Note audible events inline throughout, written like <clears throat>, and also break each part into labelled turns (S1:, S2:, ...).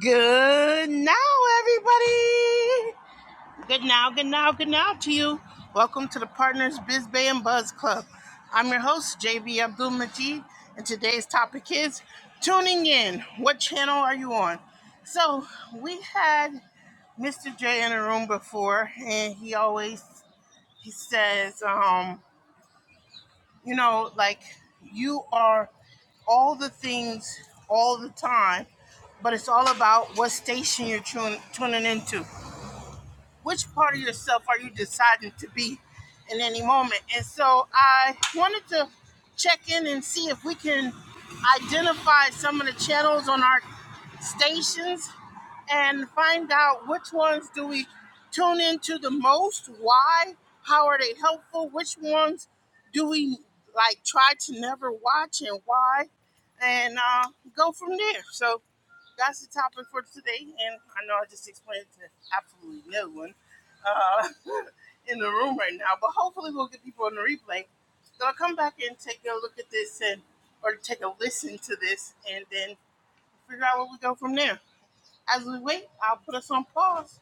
S1: Good now, everybody. Good now, good now, good now to you. Welcome to the Partners Biz Bay and Buzz Club. I'm your host, JB Abdul Majid, and today's topic is tuning in. What channel are you on? So we had Mr. J in the room before, and he always he says, um, you know, like you are all the things all the time, but it's all about what station you're tune, tuning into which part of yourself are you deciding to be in any moment? And so I wanted to check in and see if we can identify some of the channels on our stations and find out which ones do we tune into the most, why, how are they helpful, which ones do we like try to never watch and why, and uh, go from there. So that's the topic for today. And I know I just explained to absolutely no one uh, <laughs> in the room right now, but hopefully we'll get people on the replay. So I'll come back and take a look at this and or take a listen to this and then figure out where we go from there. As we wait, I'll put us on pause.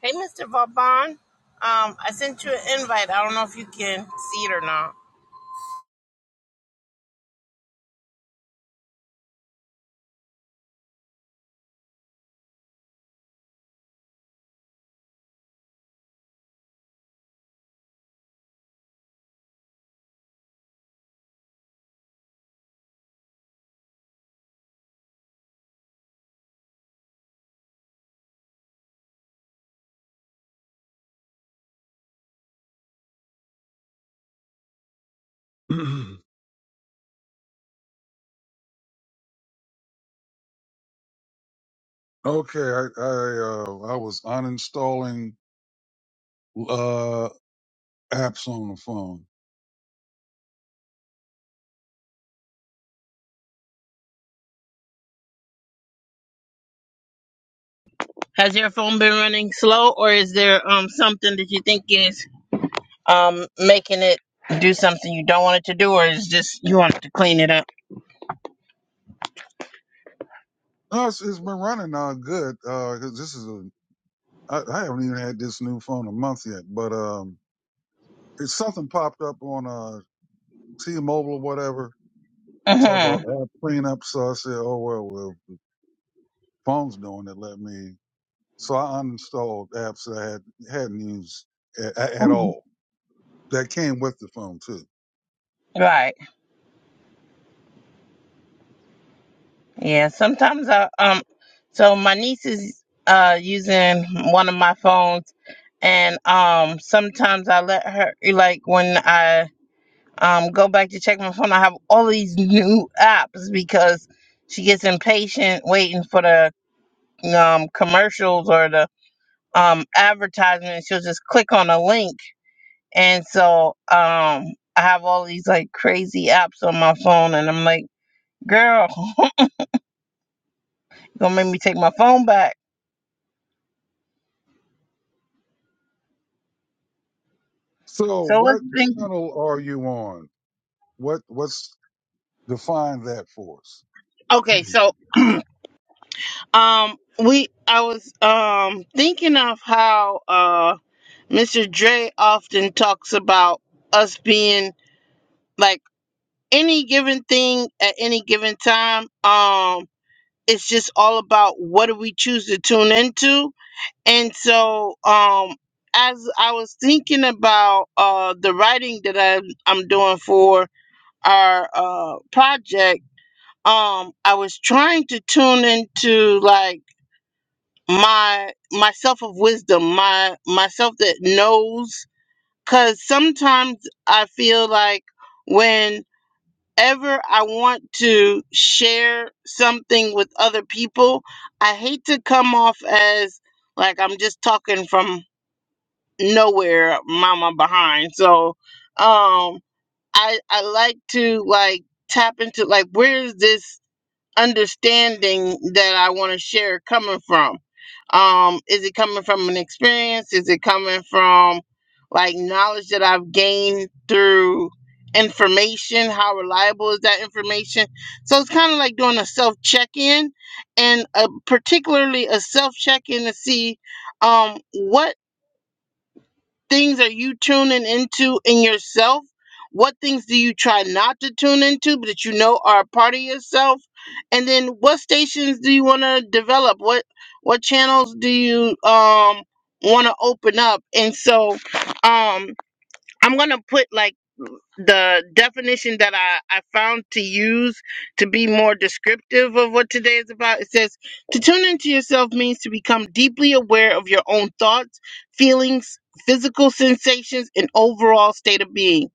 S1: Hey, Mr. Vauban. Um, I sent you an invite. I don't know if you can see it or not.
S2: <clears throat> okay, I I, uh, I was uninstalling uh, apps on the phone.
S1: Has your phone been running slow, or is there um something that you think is um making it do something you don't want it to do, or is just you want it to clean it up?
S2: No, it's, it's been running now good. Uh, 'cause this is a I, I haven't even had this new phone a month yet, but um, it's something popped up on uh T-Mobile or whatever. Talk
S1: Mm-hmm.
S2: about app cleanup. So I said, oh well, well, the phone's doing it. Let me. So I uninstalled apps that I had hadn't used at, at
S1: hmm
S2: all that came with the phone too.
S1: Right. Yeah, sometimes I um so my niece is uh using one of my phones and um sometimes I let her like when I um go back to check my phone I have all these new apps because she gets impatient waiting for the um commercials or the um advertisement she'll just click on a link and so um I have all these like crazy apps on my phone and I'm like girl <laughs> gonna make me take my phone back
S2: So
S1: So let's
S2: what
S1: think.
S2: channel are you on? What what's define that for us? <clears throat>
S1: Okay, so um, we I was um thinking of how uh Mr. Dre often talks about us being like any given thing at any given time. Um, it's just all about what do we choose to tune into, and so um. As I was thinking about uh, the writing that I, I'm doing for our uh, project, um, I was trying to tune into like my myself of wisdom my myself that knows because sometimes i feel like whenever i want to share something with other people i hate to come off as like i'm just talking from nowhere mama behind so um i i like to like tap into like where is this understanding that I want to share coming from? Um, is it coming from an experience? Is it coming from like knowledge that I've gained through information? How reliable is that information? So it's kind of like doing a self check in and a, particularly a self check in to see um, what things are you tuning into in yourself? What things do you try not to tune into, but that you know are a part of yourself? And then what stations do you want to develop? What what channels do you um want to open up? And so um I'm gonna put like the definition that I, I found to use to be more descriptive of what today is about. It says, to tune into yourself means to become deeply aware of your own thoughts, feelings, physical sensations, and overall state of being.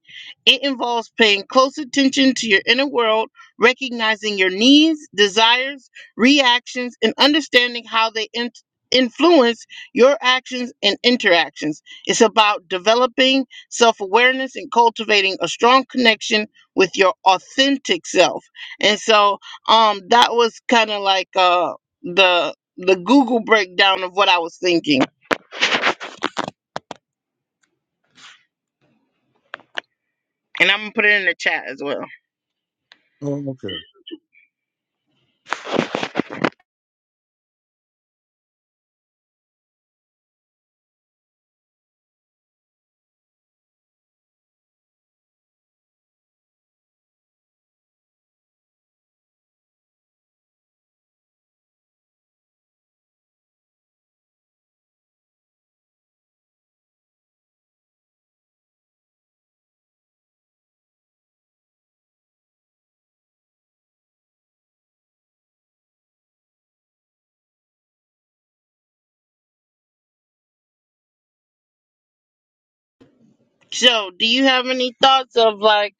S1: It involves paying close attention to your inner world, recognizing your needs, desires, reactions, and understanding how they in- influence your actions and interactions. It's about developing self awareness and cultivating a strong connection with your authentic self. And so um that was kind of like uh the the Google breakdown of what I was thinking. And I'm gonna put it in the chat as well.
S2: oh, okay.
S1: So do you have any thoughts of like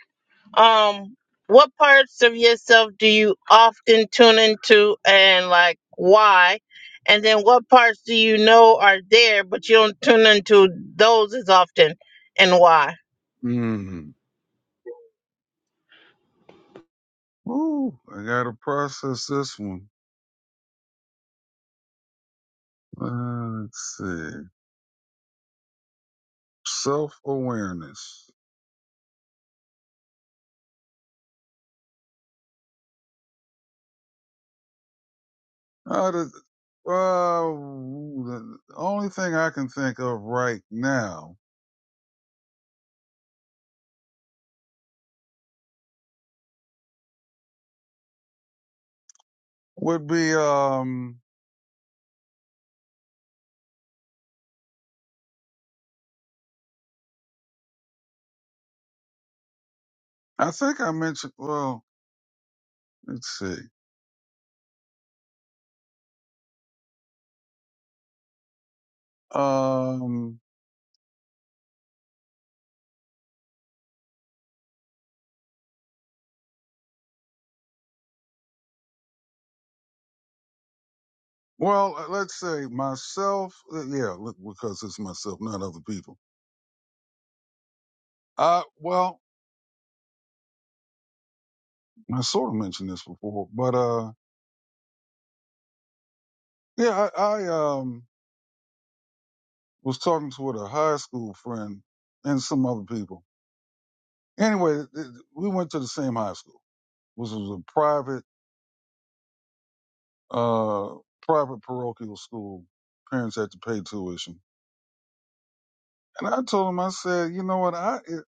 S1: um what parts of yourself do you often tune into and like why? And then what parts do you know are there but you don't tune into those as often and why?
S2: Mm. Ooh, I gotta process this one. Uh, let's see. Self awareness. Uh, the, uh, ooh, the the only thing I can think of right now would be um. I think I mentioned. Well, let's see. Um. Well, uh, let's say myself. uh, Yeah, look, because it's myself, not other people. Uh. Well, I sort of mentioned this before, but uh, yeah, I, I um was talking to with a high school friend and some other people. Anyway, th- th- we went to the same high school, which was a private, uh, private parochial school. Parents had to pay tuition, and I told him, I said, you know what, I it,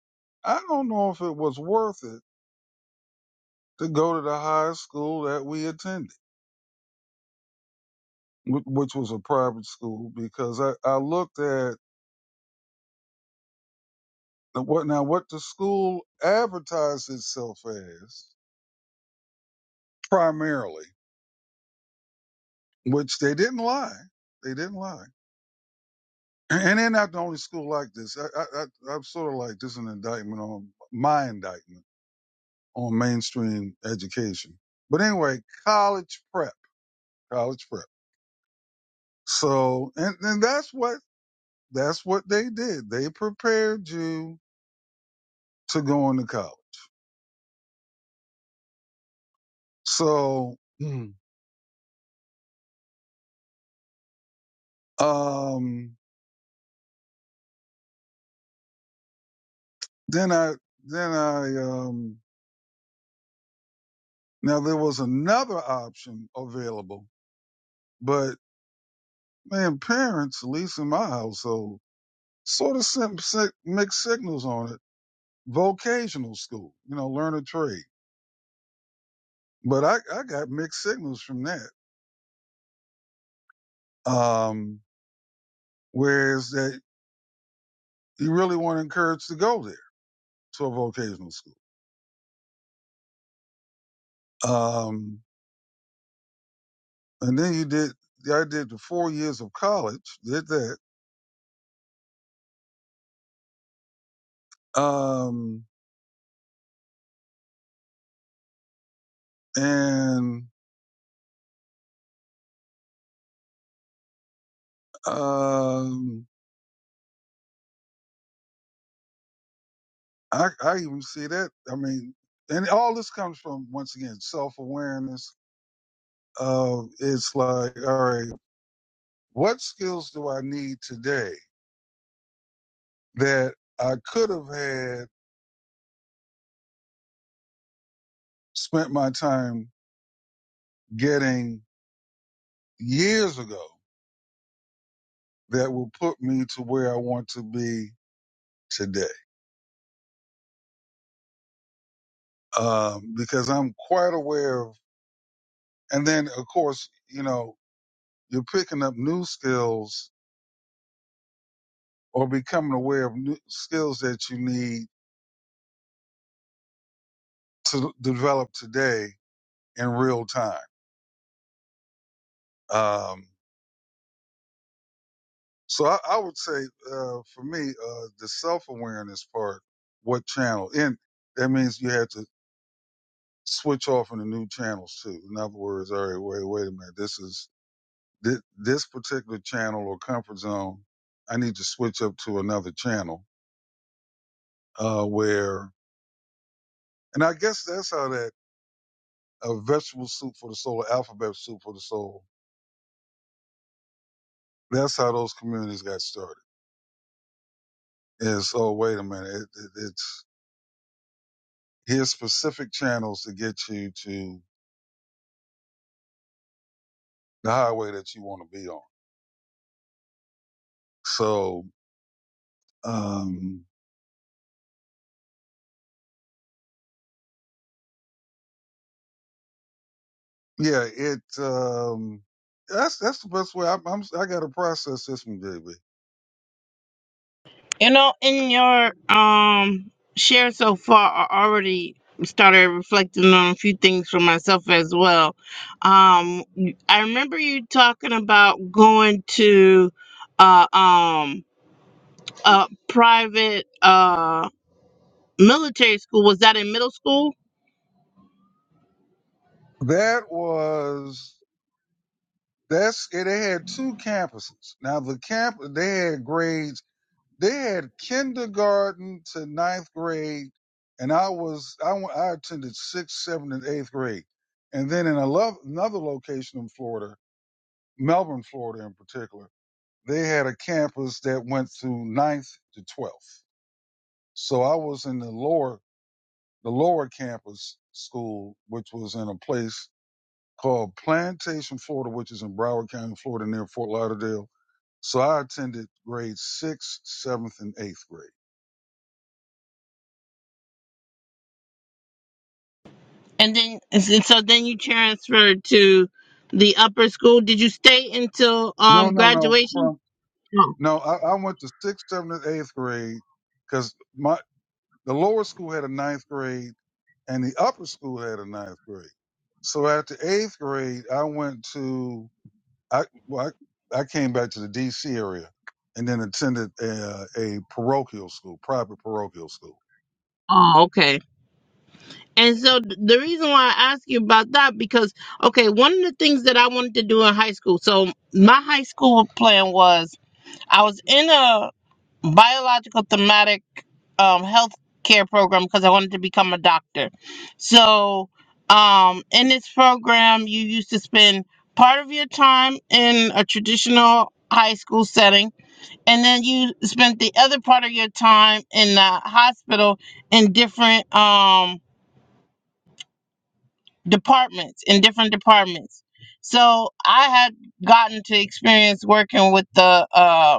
S2: I don't know if it was worth it to go to the high school that we attended, wh- which was a private school, because I I looked at Now what now what the school advertised itself as primarily, which they didn't lie. They didn't lie. And they're not the only school like this. I, I, I, I'm sort of like this is an indictment on my indictment on mainstream education. But anyway, college prep, college prep. So, and, and that's what, that's what they did. They prepared you to go into college. So, um, then I, then I, um, Now there was another option available, but man, parents, at least in my household, sort of sent si- mixed signals on it. Vocational school, you know, learn a trade. But I, I got mixed signals from that. Um, whereas that you really weren't encouraged to go there to a vocational school. Um, and then you did, I did the four years of college, did that. Um, and, um, I, I even see that. I mean, and all this comes from once again self awareness. Of it's like, all right, what skills do I need today that I could have had spent my time getting years ago that will put me to where I want to be today? Um, because I'm quite aware of, and then of course, you know, you're picking up new skills or becoming aware of new skills that you need to develop today in real time. Um, so I, I would say, uh, for me, uh, the self awareness part, what channel? And that means you have to switch off into new channels too. In other words, all right, wait, wait a minute. This is this, this particular channel or comfort zone. I need to switch up to another channel, uh, where, and I guess that's how that, uh, vegetable soup for the soul, alphabet soup for the soul. That's how those communities got started Is oh wait a minute. It, it, it's here's specific channels to get you to the highway that you want to be on. So, um, yeah, it, um, that's, that's the best way. I, I'm, i got to process this one, JB.
S1: You know, in your um share so far, I already started reflecting on a few things for myself as well. Um, I remember you talking about going to uh um a private uh military school. Was that in middle school?
S2: That was, that's, it had two campuses. Now the camp, they had grades They had kindergarten to ninth grade, and I was I, w- I attended sixth, seventh, and eighth grade, and then in a lo- another location in Florida, Melbourne, Florida in particular, they had a campus that went through ninth to twelfth. So I was in the lower the lower campus school, which was in a place called Plantation, Florida, which is in Broward County, Florida, near Fort Lauderdale. So I attended grades sixth, seventh, and eighth grade.
S1: And then, and so then you transferred to the upper school. Did you stay until
S2: No,
S1: um
S2: no, no. From
S1: graduation? Oh,
S2: No, I, I went to sixth, seventh, and eighth grade because my the lower school had a ninth grade and the upper school had a ninth grade. So after eighth grade, I went to I well, I, I came back to the D.C. area and then attended a, a parochial school, private parochial school.
S1: oh, okay. And so th- the reason why I ask you about that because okay, one of the things that I wanted to do in high school. So my high school plan was I was in a biological thematic um health care program because I wanted to become a doctor. So um in this program you used to spend part of your time in a traditional high school setting and then you spent the other part of your time in the hospital in different um departments in different departments so i had gotten to experience working with the um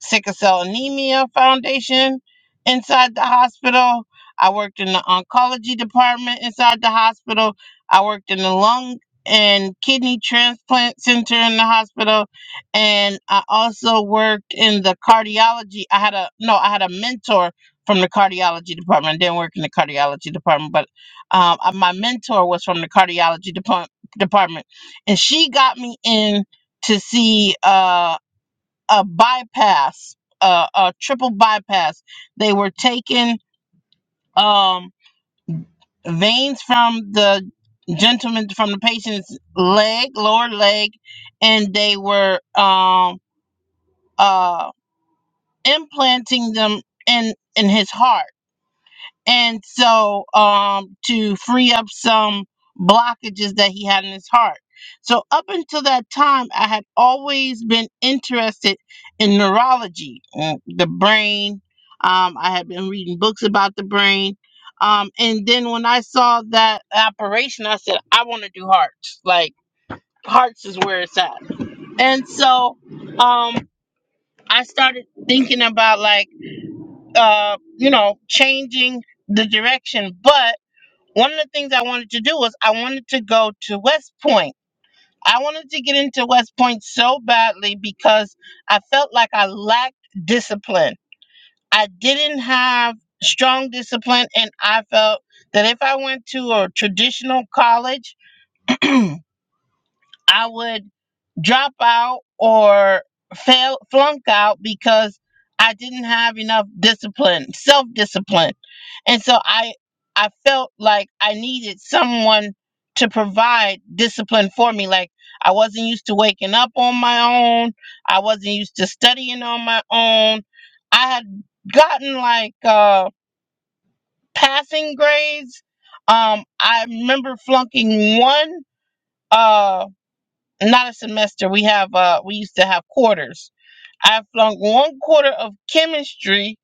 S1: Sickle Cell Anemia Foundation inside the hospital. I worked in the oncology department inside the hospital. I worked in the lung and kidney transplant center in the hospital. And I also worked in the cardiology. I had a no, I had a mentor from the cardiology department. I didn't work in the cardiology department, but um, uh, my mentor was from the cardiology depart- department. And she got me in to see. uh a bypass, a, a triple bypass. They were taking um, veins from the gentleman, from the patient's leg, lower leg, and they were um, uh, implanting them in in his heart. and so um to free up some blockages that he had in his heart so up until that time i had always been interested in neurology uh, the brain um, i had been reading books about the brain um, and then when i saw that operation i said i want to do hearts like hearts is where it's at and so um, i started thinking about like uh, you know changing the direction but one of the things I wanted to do was I wanted to go to West Point. I wanted to get into West Point so badly because I felt like I lacked discipline. I didn't have strong discipline, and I felt that if I went to a traditional college, <clears throat> I would drop out or fail flunk out because I didn't have enough discipline, self-discipline. And so I I felt like I needed someone to provide discipline for me like I wasn't used to waking up on my own. I wasn't used to studying on my own. I had gotten like uh passing grades. Um I remember flunking one Uh not a semester. We have uh we used to have quarters. I flunked one quarter of chemistry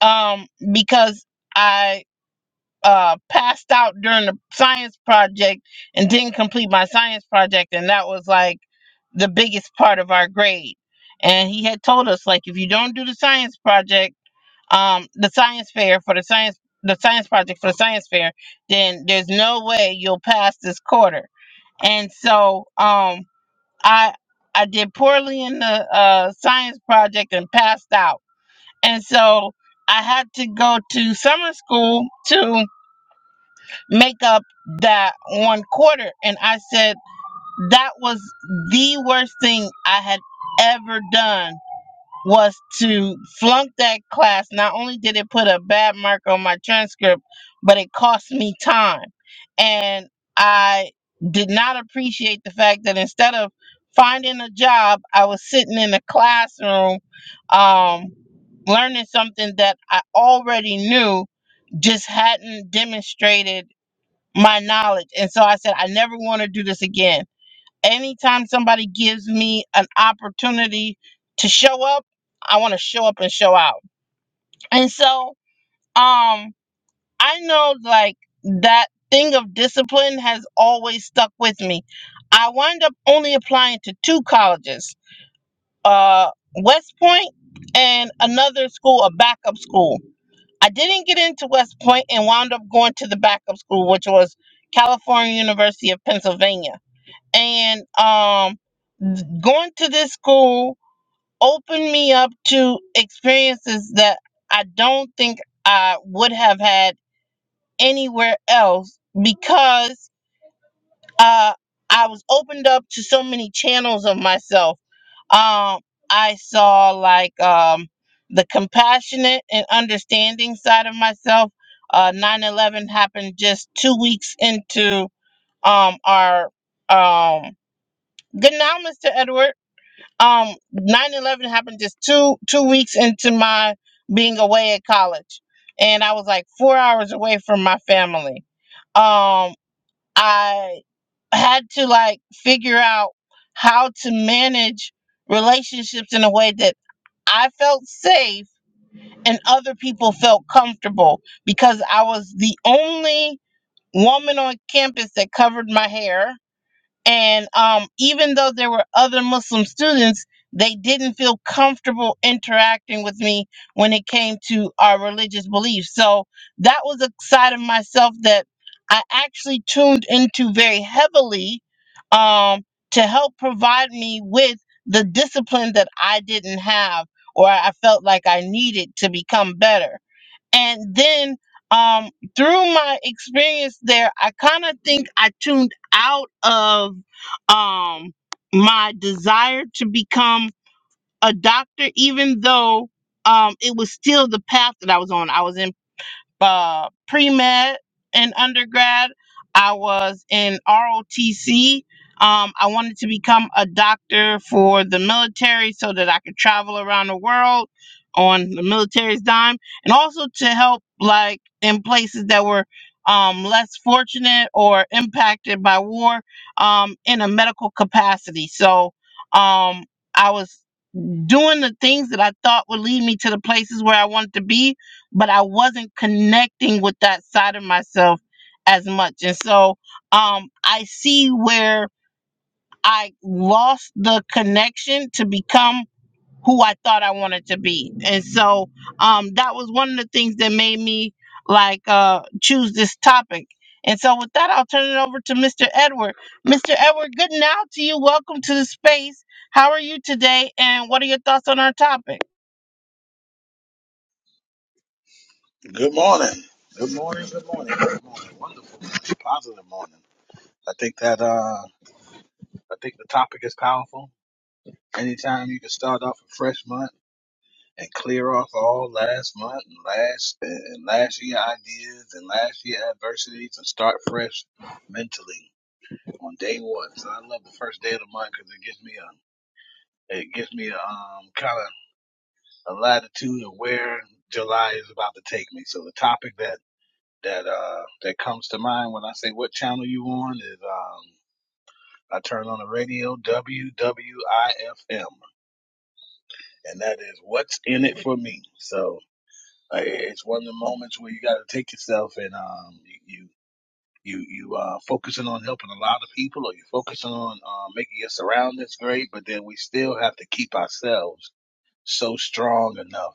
S1: um because I uh passed out during the science project and didn't complete my science project and that was like the biggest part of our grade. And he had told us like if you don't do the science project, um the science fair for the science the science project for the science fair, then there's no way you'll pass this quarter. And so um I I did poorly in the uh, science project and passed out, and so I had to go to summer school to make up that one quarter. And I said that was the worst thing I had ever done was to flunk that class. Not only did it put a bad mark on my transcript, but it cost me time. And I did not appreciate the fact that instead of finding a job, I was sitting in a classroom um, learning something that I already knew, just hadn't demonstrated my knowledge. And so I said, I never want to do this again. Anytime somebody gives me an opportunity to show up, I want to show up and show out. And so, um, I know like that thing of discipline has always stuck with me. I wound up only applying to two colleges, uh, West Point and another school, a backup school. I didn't get into West Point and wound up going to the backup school, which was California University of Pennsylvania. And um, going to this school opened me up to experiences that I don't think I would have had anywhere else because uh, I was opened up to so many channels of myself. Um, I saw like um, the compassionate and understanding side of myself. Uh, 9 eleven happened just two weeks into um, our um, good now, Mr. Edward um nine eleven happened just two two weeks into my being away at college and i was like four hours away from my family um i had to like figure out how to manage relationships in a way that i felt safe and other people felt comfortable because i was the only woman on campus that covered my hair and um, even though there were other Muslim students, they didn't feel comfortable interacting with me when it came to our religious beliefs. So that was a side of myself that I actually tuned into very heavily um, to help provide me with the discipline that I didn't have or I felt like I needed to become better. And then um, through my experience there, I kind of think I tuned out of um, my desire to become a doctor, even though um, it was still the path that I was on. I was in uh, pre med in undergrad. I was in ROTC. Um, I wanted to become a doctor for the military so that I could travel around the world on the military's dime and also to help, like, in places that were um, less fortunate or impacted by war um, in a medical capacity. So um, I was doing the things that I thought would lead me to the places where I wanted to be, but I wasn't connecting with that side of myself as much. And so um, I see where I lost the connection to become who I thought I wanted to be. And so um, that was one of the things that made me like uh, choose this topic. And so with that, I'll turn it over to Mr. Edward. Mr. Edward, good now to you. Welcome to the space. How are you today? And what are your thoughts on our topic?
S3: Good morning. Good morning. Good morning. Good morning. Wonderful. Positive morning. I think that uh I think the topic is powerful. Anytime you can start off a fresh month and clear off all last month and last and last year ideas and last year adversities and start fresh mentally on day one. So I love the first day of the month because it gives me a it gives me a um kind of a latitude of where July is about to take me. So the topic that that uh that comes to mind when I say what channel you on is um I turn on the radio WWIFM and that is what's in it for me. So uh, it's one of the moments where you got to take yourself and um you you you uh focusing on helping a lot of people or you're focusing on uh, making your surroundings great, but then we still have to keep ourselves so strong enough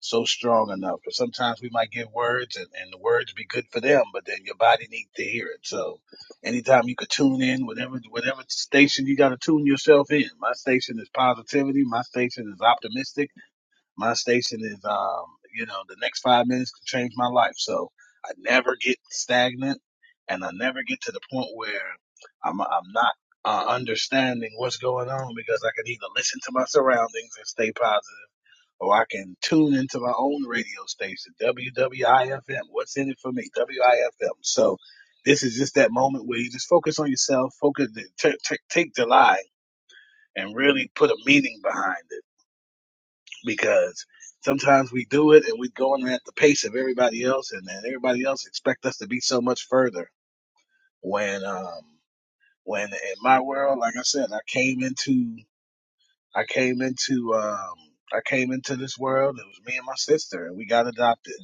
S3: so strong enough. But sometimes we might give words and, and the words be good for them, but then your body needs to hear it. So anytime you could tune in, whatever whatever station you gotta tune yourself in. My station is positivity, my station is optimistic, my station is um, you know, the next five minutes could change my life. So I never get stagnant and I never get to the point where I'm I'm not uh, understanding what's going on because I can either listen to my surroundings and stay positive or I can tune into my own radio station, WWIFM. What's in it for me? WIFM. So this is just that moment where you just focus on yourself, focus, t- t- take July and really put a meaning behind it because sometimes we do it and we're going at the pace of everybody else and then everybody else expect us to be so much further when, um, when in my world, like I said, I came into, I came into, um, I came into this world. It was me and my sister and we got adopted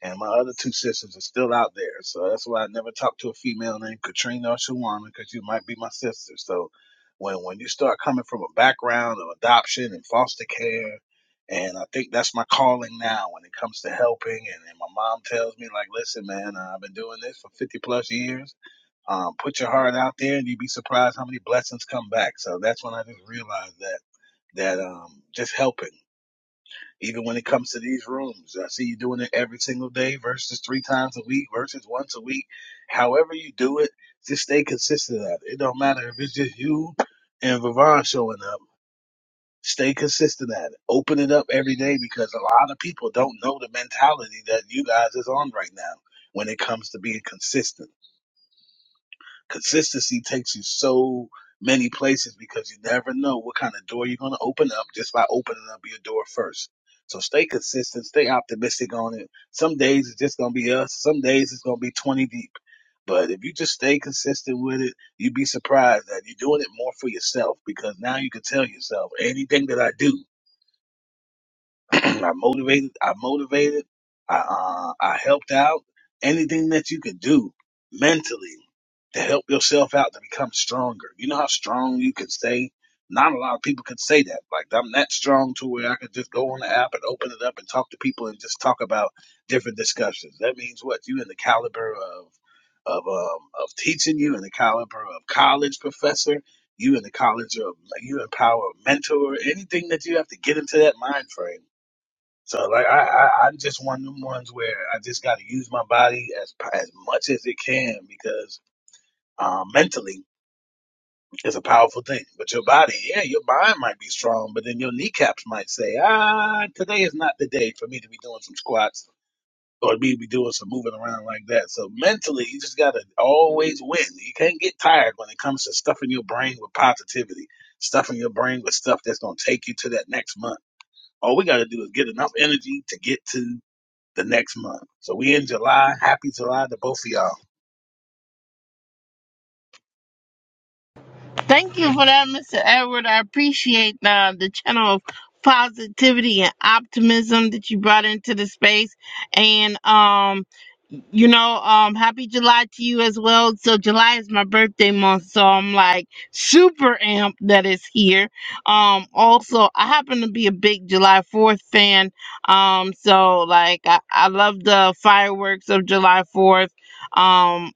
S3: And my other two sisters are still out there. So that's why I never talked to a female named Katrina or Shawana because you might be my sister. So when, when you start coming from a background of adoption and foster care, and I think that's my calling now when it comes to helping. And, and my mom tells me, like, listen, man, uh, I've been doing this for 50 plus years. Um, put your heart out there and you'd be surprised how many blessings come back. So that's when I just realized that, that um, just helping. Even when it comes to these rooms, I see you doing it every single day versus three times a week versus once a week. However you do it, just stay consistent at it. It don't matter if it's just you and Vivon showing up. Stay consistent at it. Open it up every day because a lot of people don't know the mentality that you guys is on right now when it comes to being consistent. Consistency takes you so many places because you never know what kind of door you're going to open up just by opening up your door first. So stay consistent, stay optimistic on it. Some days it's just going to be us, some days it's going to be 20 deep. But if you just stay consistent with it, you'd be surprised that you're doing it more for yourself because now you can tell yourself anything that I do, <clears throat> I motivated, I motivated, I uh, I helped out. Anything that you can do mentally to help yourself out to become stronger. You know how strong you can stay? Not a lot of people can say that. Like I'm that strong to where I could just go on the app and open it up and talk to people and just talk about different discussions. That means what? You in the caliber of of um, of teaching, you in the caliber of college professor, you in the college of you in power of mentor, anything that you have to get into that mind frame. So like I, I I'm just one of them ones where I just got to use my body as as much as it can because um, mentally is a powerful thing. But your body, yeah, your mind might be strong, but then your kneecaps might say, ah, today is not the day for me to be doing some squats or me to be doing some moving around like that. So mentally, you just gotta always win. You can't get tired when it comes to stuffing your brain with positivity, stuffing your brain with stuff that's gonna take you to that next month. All we gotta do is get enough energy to get to the next month. So we in July. Happy July to both of y'all.
S1: Thank you for that, Mr. Edward. I appreciate uh, the channel of positivity and optimism that you brought into the space. And, um, you know, um, happy July to you as well. So, July is my birthday month. So, I'm like super amped that it's here. Um, also, I happen to be a big July 4th fan. Um, so, like, I, I love the fireworks of July 4th. Um,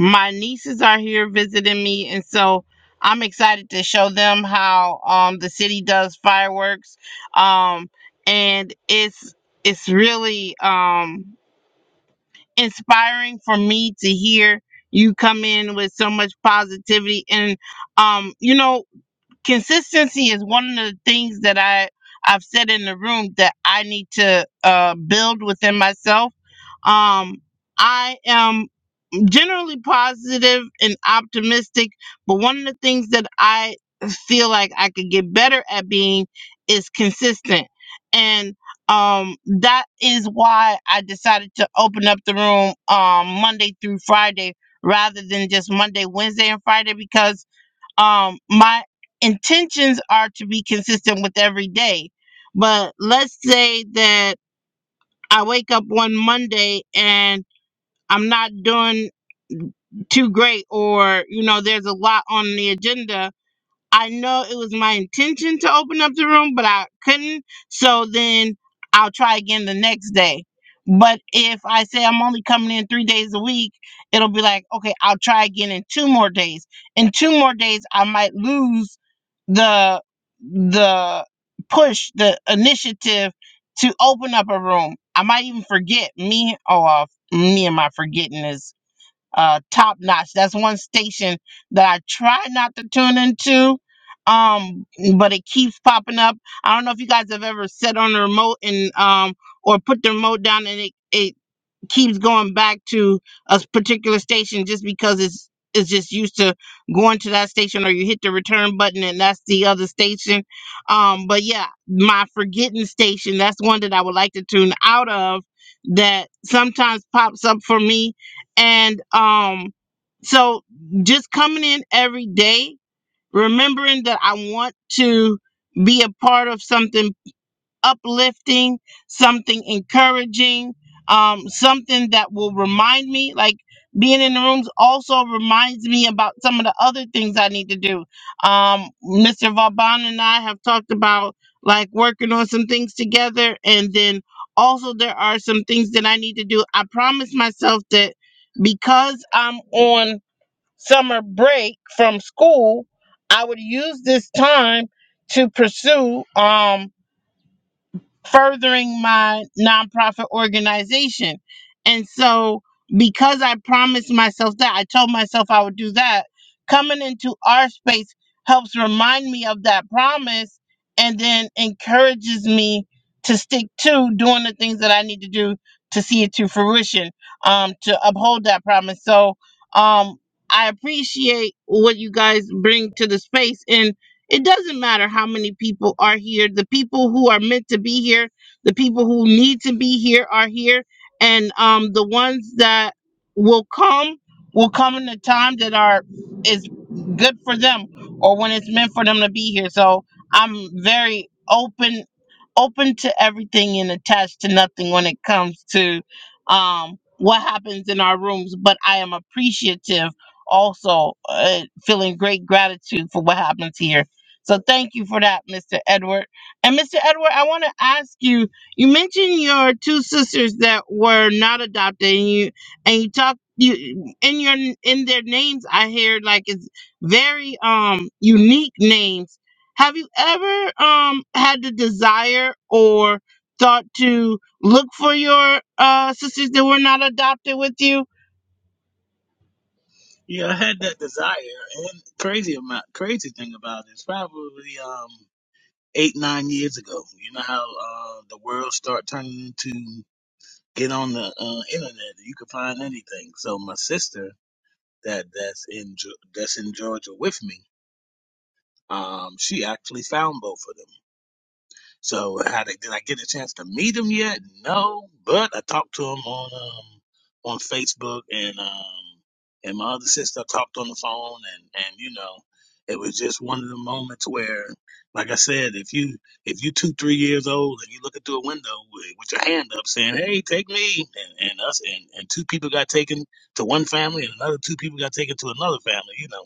S1: my nieces are here visiting me. And so, I'm excited to show them how um the city does fireworks. Um and it's it's really um inspiring for me to hear you come in with so much positivity and um you know consistency is one of the things that I I've said in the room that I need to uh build within myself. Um I am generally positive and optimistic, but one of the things that I feel like I could get better at being is consistent. And um that is why I decided to open up the room um Monday through Friday rather than just Monday, Wednesday and Friday because um my intentions are to be consistent with every day. But let's say that I wake up one Monday and I'm not doing too great or you know there's a lot on the agenda i know it was my intention to open up the room but i couldn't so then i'll try again the next day but if i say i'm only coming in three days a week it'll be like okay i'll try again in two more days in two more days i might lose the the push the initiative to open up a room i might even forget me oh uh, me and my forgetting is uh, top notch. That's one station that I try not to tune into, um, but it keeps popping up. I don't know if you guys have ever set on the remote and um, or put the remote down and it, it keeps going back to a particular station just because it's it's just used to going to that station or you hit the return button and that's the other station um but yeah my forgetting station that's one that i would like to tune out of that sometimes pops up for me and um so just coming in every day remembering that i want to be a part of something uplifting, something encouraging, um, something that will remind me. Like being in the rooms also reminds me about some of the other things I need to do. Um, Mr. Vauban and I have talked about like working on some things together, and then also there are some things that I need to do. I promised myself that because I'm on summer break from school, I would use this time to pursue. Um, furthering my nonprofit organization. And so, because I promised myself that, I told myself I would do that, coming into our space helps remind me of that promise and then encourages me to stick to doing the things that I need to do to see it to fruition, um, to uphold that promise. So, um, I appreciate what you guys bring to the space. and. It doesn't matter how many people are here. The people who are meant to be here, the people who need to be here are here. And um, the ones that will come will come in the time that are is good for them or when it's meant for them to be here. So I'm very open open to everything and attached to nothing when it comes to um what happens in our rooms, but I am appreciative also uh, feeling great gratitude for what happens here so thank you for that, Mr. Edward. And Mr. Edward, I want to ask you, you mentioned your two sisters that were not adopted and you and you talked you in your in their names I hear like it's very um unique names. Have you ever um had the desire or thought to look for your uh sisters that were not adopted with you?
S3: Yeah, I <laughs> had that desire, and crazy amount, crazy thing about it, it's probably um eight nine years ago. You know how uh the world start turning into get on the uh, internet, you can find anything. So my sister that that's in Ge- that's in Georgia with me, um, she actually found both of them. So how did, did I get a chance to meet him yet? No, but I talked to him on um on Facebook and um and my other sister I talked on the phone and and you know it was just one of the moments where like I said if you if you two three years old and you looking through a window with, with your hand up saying hey take me and, and us and and two people got taken to one family and another two people got taken to another family you know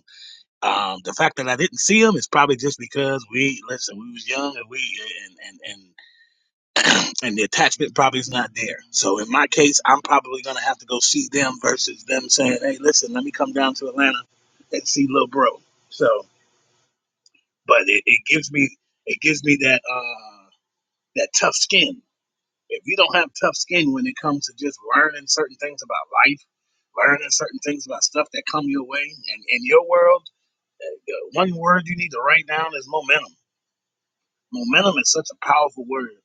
S3: um, the fact that I didn't see them is probably just because we listen. We was young and we and and and, <clears throat> and the attachment probably is not there. So in my case, I'm probably gonna have to go see them versus them saying, "Hey, listen, let me come down to Atlanta and see little bro." So, but it, it gives me it gives me that uh that tough skin. If you don't have tough skin when it comes to just learning certain things about life, learning certain things about stuff that come your way and in your world, the one word you need to write down is momentum Momentum is such a powerful word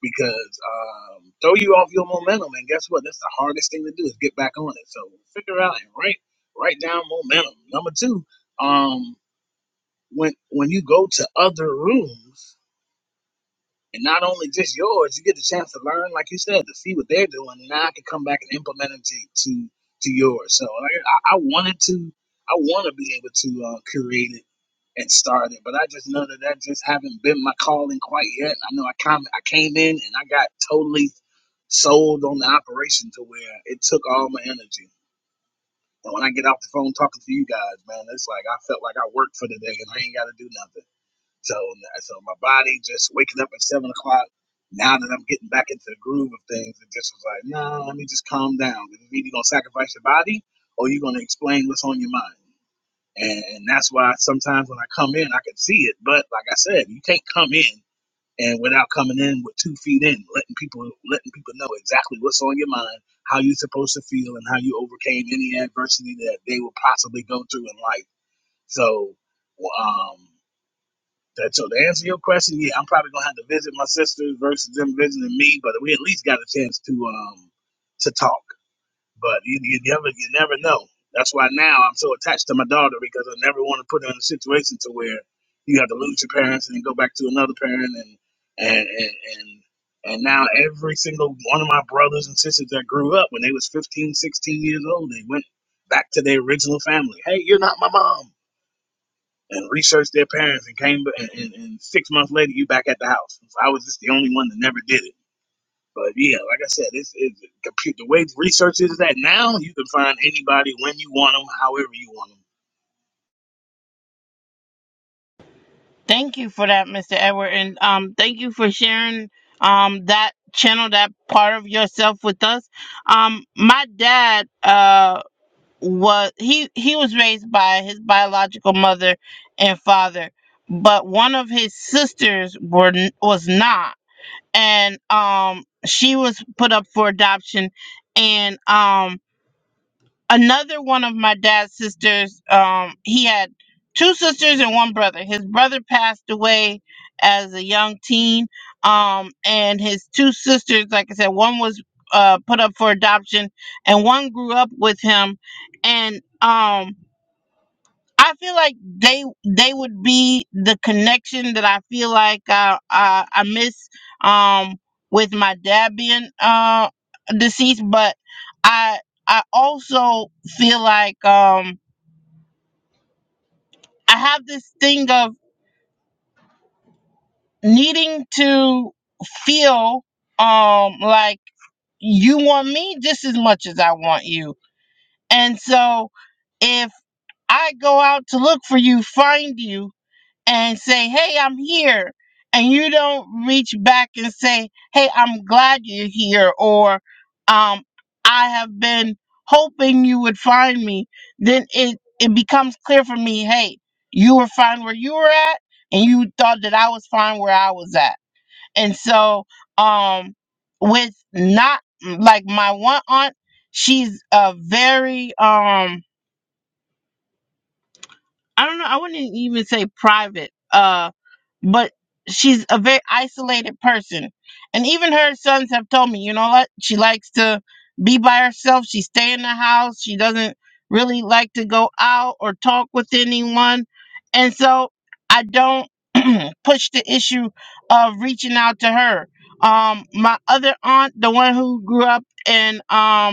S3: because um, throw you off your momentum, and guess what? That's the hardest thing to do is get back on it. So figure out and write write down momentum. Number two, um, when when you go to other rooms. And not only just yours, you get the chance to learn, like you said, to see what they're doing. And now I can come back and implement it to to, to yours. So like, I, I wanted to, I want to be able to uh, create it and start it, but I just know that that just haven't been my calling quite yet. I know I come, I came in and I got totally sold on the operation to where it took all my energy. And when I get off the phone talking to you guys, man, it's like I felt like I worked for the day and I ain't got to do nothing. So, so my body just waking up at seven o'clock. Now that I'm getting back into the groove of things, it just was like, no, nah, let me just calm down. You're either gonna sacrifice your body, or you're gonna explain what's on your mind. And, and that's why sometimes when I come in, I can see it. But like I said, you can't come in and without coming in with two feet in, letting people letting people know exactly what's on your mind, how you're supposed to feel, and how you overcame any adversity that they will possibly go through in life. So, um, that, so to answer your question, yeah, I'm probably gonna have to visit my sisters versus them visiting me, but we at least got a chance to um to talk. But you, you never you never know. That's why now I'm so attached to my daughter because I never want to put her in a situation to where you have to lose your parents and then go back to another parent and and and and, and now every single one of my brothers and sisters that grew up when they was 15, 16 years old, they went back to their original family. Hey, you're not my mom and researched their parents and came and, and, and six months later you back at the house. So I was just the only one that never did it. But yeah, like I said, it's, it's compute the way research is that now you can find anybody when you want them, however you want them.
S1: Thank you for that, Mr. Edward, and um, thank you for sharing um that channel, that part of yourself with us. Um, my dad uh was he he was raised by his biological mother and father, but one of his sisters were n- was not, and um she was put up for adoption, and um another one of my dad's sisters um he had two sisters and one brother his brother passed away as a young teen um and his two sisters like i said one was uh put up for adoption and one grew up with him and um I feel like they they would be the connection that I feel like I I, I miss um with my dad being uh deceased, but I I also feel like um I have this thing of needing to feel um like you want me just as much as I want you. And so if I go out to look for you, find you, and say, Hey, I'm here. And you don't reach back and say, Hey, I'm glad you're here. Or, um, I have been hoping you would find me. Then it, it becomes clear for me, Hey, you were fine where you were at. And you thought that I was fine where I was at. And so, um, with not like my one aunt, she's a very, um, I don't know. I wouldn't e-, even say private. Uh, but she's a very isolated person, and even her sons have told me, you know what? She likes to be by herself. She stay in the house. She doesn't really like to go out or talk with anyone, and so I don't <clears throat> push the issue of reaching out to her. Um, my other aunt, the one who grew up in um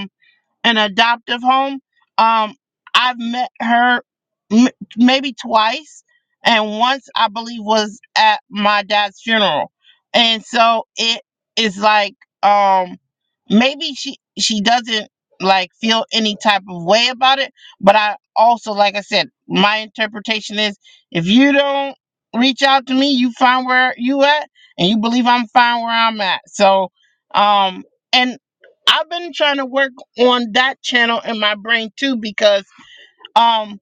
S1: an adoptive home. Um, I've met her m- maybe twice, and once I believe was at my dad's funeral. And so it is like um, maybe she she doesn't like feel any type of way about it, but I also like I said, my interpretation is if you don't reach out to me, you find where you at, and you believe I'm fine where I'm at. So um, and I've been trying to work on that channel in my brain too because um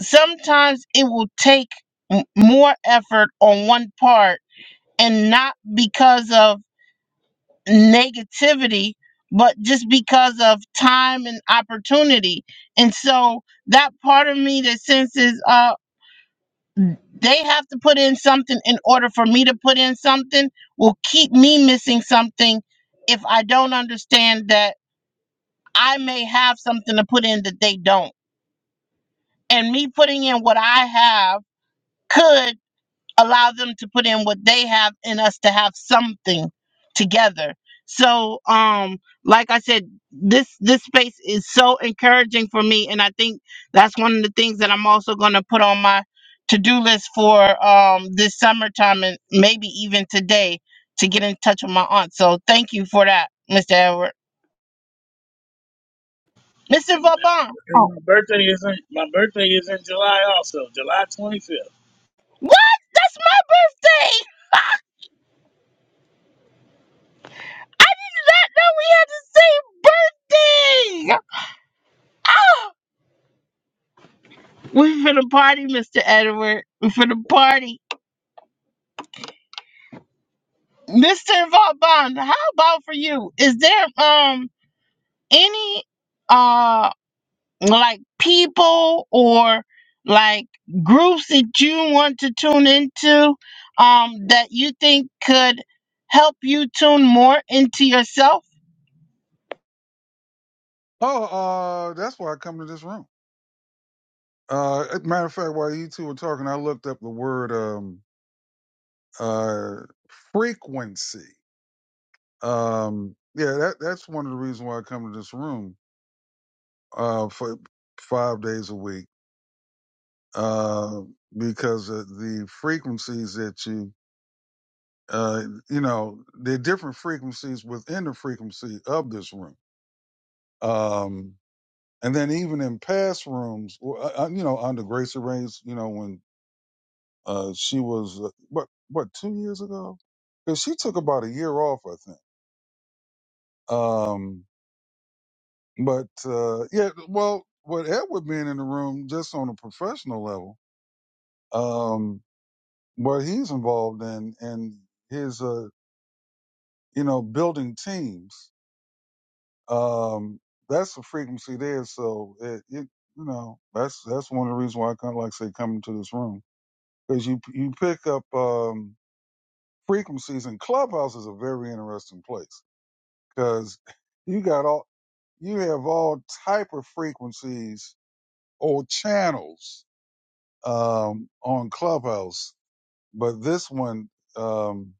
S1: sometimes it will take m- more effort on one part and not because of negativity but just because of time and opportunity and so that part of me that senses uh they have to put in something in order for me to put in something will keep me missing something if i don't understand that i may have something to put in that they don't and me putting in what I have could allow them to put in what they have and us to have something together. So um like I said this this space is so encouraging for me and I think that's one of the things that I'm also going to put on my to-do list for um this summertime and maybe even today to get in touch with my aunt. So thank you for that, Mr. Edward. Mr.
S3: and
S1: Vauban.
S3: and my birthday is in my birthday is in July also, July twenty
S1: What? That's my birthday. No, we had the same birthday. Ah, <gasps> we finna party, Mr. Edward. We finna party. Mr. Vaughn, how about for you? Is there um any uh like people or like groups that you want to tune into um that you think could help you tune more into yourself?
S2: Oh, uh, that's why I come to this room. Uh, as a matter of fact, while you two were talking, I looked up the word um, uh, frequency. Um, yeah, that, that's one of the reasons why I come to this room uh, for five days a week uh, because of the frequencies that you, uh, you know, there are different frequencies within the frequency of this room. Um, and then even in past rooms, well, uh, uh, you know, under Gracie Ray's, you know, when uh, she was, uh, what, what, two years ago? Because she took about a year off, I think. Um, But uh, yeah, well, with Edward being in the room, just on a professional level, um, what he's involved in and his, uh, you know, building teams, um, that's the frequency there. So it, it, you know, that's that's one of the reasons why I kind of like say coming to this room because you you pick up um, frequencies and Clubhouse is a very interesting place because you got all you have all type of frequencies or channels um, on Clubhouse, but this one, um,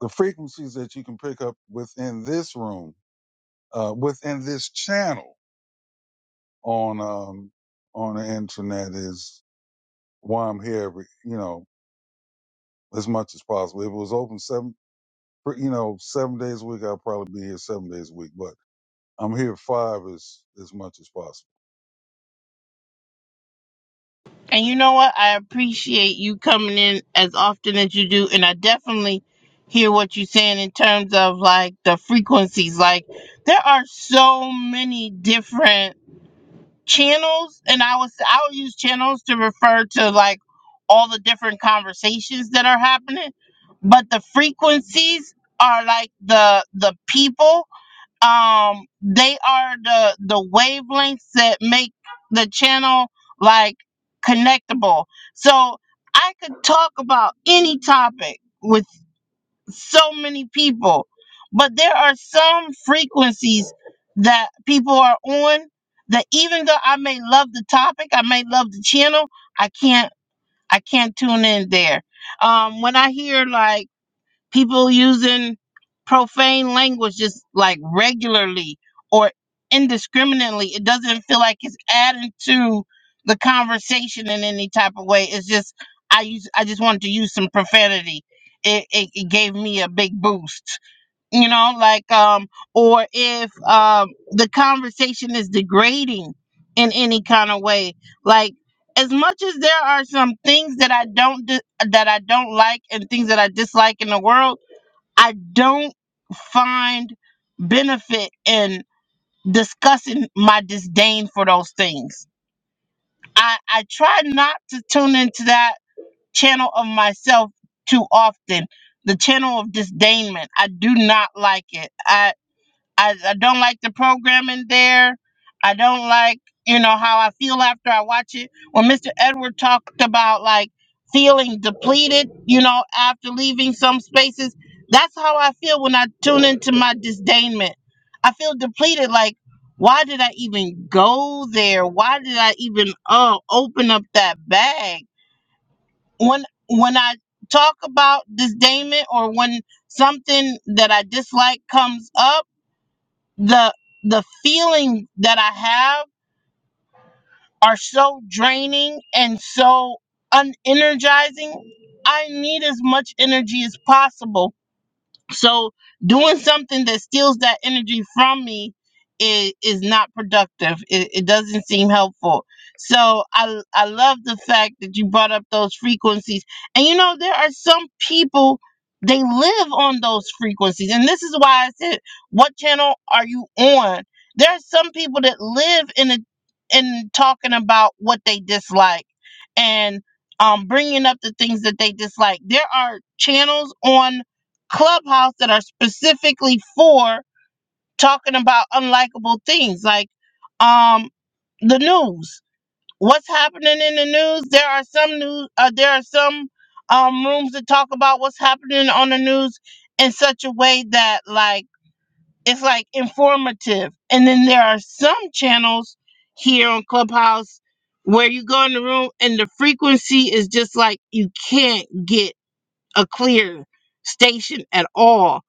S2: the frequencies that you can pick up within this room, uh, within this channel on um, on the internet is why I'm here. Every, you know, as much as possible. If it was open seven, you know, seven days a week, I'd probably be here seven days a week. But I'm here five as as much as possible.
S1: And you know what? I appreciate you coming in as often as you do, and I definitely hear what you're saying in terms of like the frequencies. Like there are so many different channels, and I was I would use channels to refer to like all the different conversations that are happening, but the frequencies are like the the people um they are the the wavelengths that make the channel like connectable so i could talk about any topic with so many people but there are some frequencies that people are on that even though i may love the topic i may love the channel i can't i can't tune in there um when i hear like people using profane language just like regularly or indiscriminately. It doesn't feel like it's adding to the conversation in any type of way. It's just I use I just wanted to use some profanity. It, it, it gave me a big boost, you know, like um or if um the conversation is degrading in any kind of way, like as much as there are some things that I don't di- that I don't like and things that I dislike in the world, I don't find benefit in discussing my disdain for those things. I, I try not to tune into that channel of myself too often, the channel of disdainment. I do not like it. I, I don't like the programming there. I don't like, you know, how I feel after I watch it. When Mr. Edward talked about like feeling depleted, you know, after leaving some spaces, that's how I feel when I tune into my disdainment. I feel depleted. Like, why did I even go there? Why did I even uh, open up that bag? When when I talk about disdainment or when something that I dislike comes up the the feeling that I have are so draining and so unenergizing. I need as much energy as possible so doing something that steals that energy from me is, is not productive. It, it doesn't seem helpful. So I I love the fact that you brought up those frequencies. And you know there are some people they live on those frequencies. And this is why I said, what channel are you on? There are some people that live in a in talking about what they dislike and um bringing up the things that they dislike. There are channels on clubhouse that are specifically for talking about unlikable things like um the news what's happening in the news there are some news uh, there are some um rooms that talk about what's happening on the news in such a way that like it's like informative and then there are some channels here on clubhouse where you go in the room and the frequency is just like you can't get a clear station at all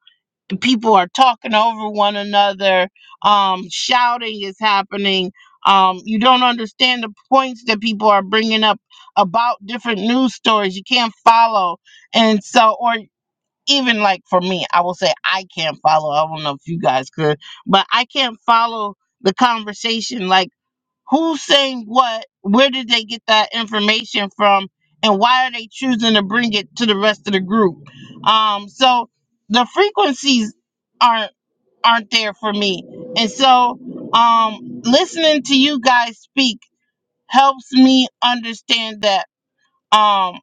S1: people are talking over one another um shouting is happening um you don't understand the points that people are bringing up about different news stories you can't follow and so or even like for me i will say i can't follow i don't know if you guys could but i can't follow the conversation like Who's saying what? Where did they get that information from? And why are they choosing to bring it to the rest of the group? Um, so the frequencies aren't aren't there for me. And so um listening to you guys speak helps me understand that um.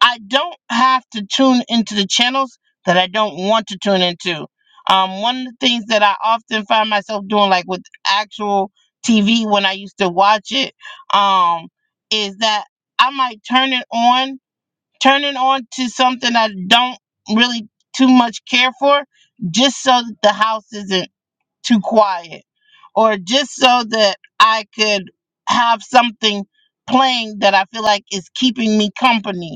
S1: I don't have to tune into the channels that I don't want to tune into. Um, one of the things that I often find myself doing, like with actual TV when I used to watch it, um, is that I might turn it on, turn it on to something I don't really too much care for, just so that the house isn't too quiet, or just so that I could have something playing that I feel like is keeping me company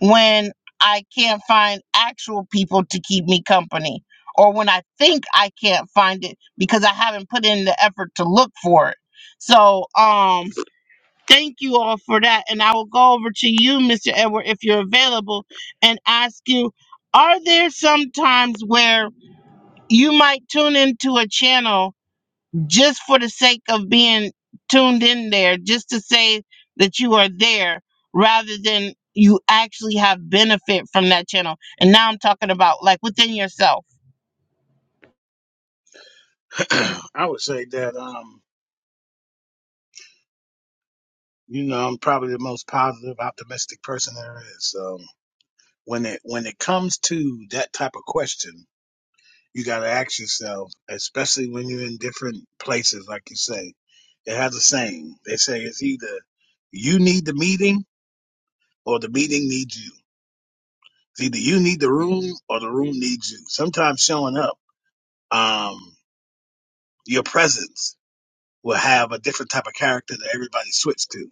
S1: when I can't find actual people to keep me company or when I think I can't find it because I haven't put in the effort to look for it. So, um, thank you all for that. And I will go over to you, Mr. Edward, if you're available, and ask you Are there some times where you might tune into a channel? just for the sake of being tuned in there, just to say that you are there rather than you actually have benefit from that channel. And now I'm talking about like within yourself.
S3: fifth. <clears throat> I would say that um, you know, I'm probably the most positive, optimistic person there is. So when it when it comes to that type of question, you got to ask yourself, especially when you're in different places, like you say. It has a saying. They say it's either you need the meeting or the meeting needs you. It's either you need the room or the room needs you. Sometimes showing up, um, your presence will have a different type of character that everybody switched to.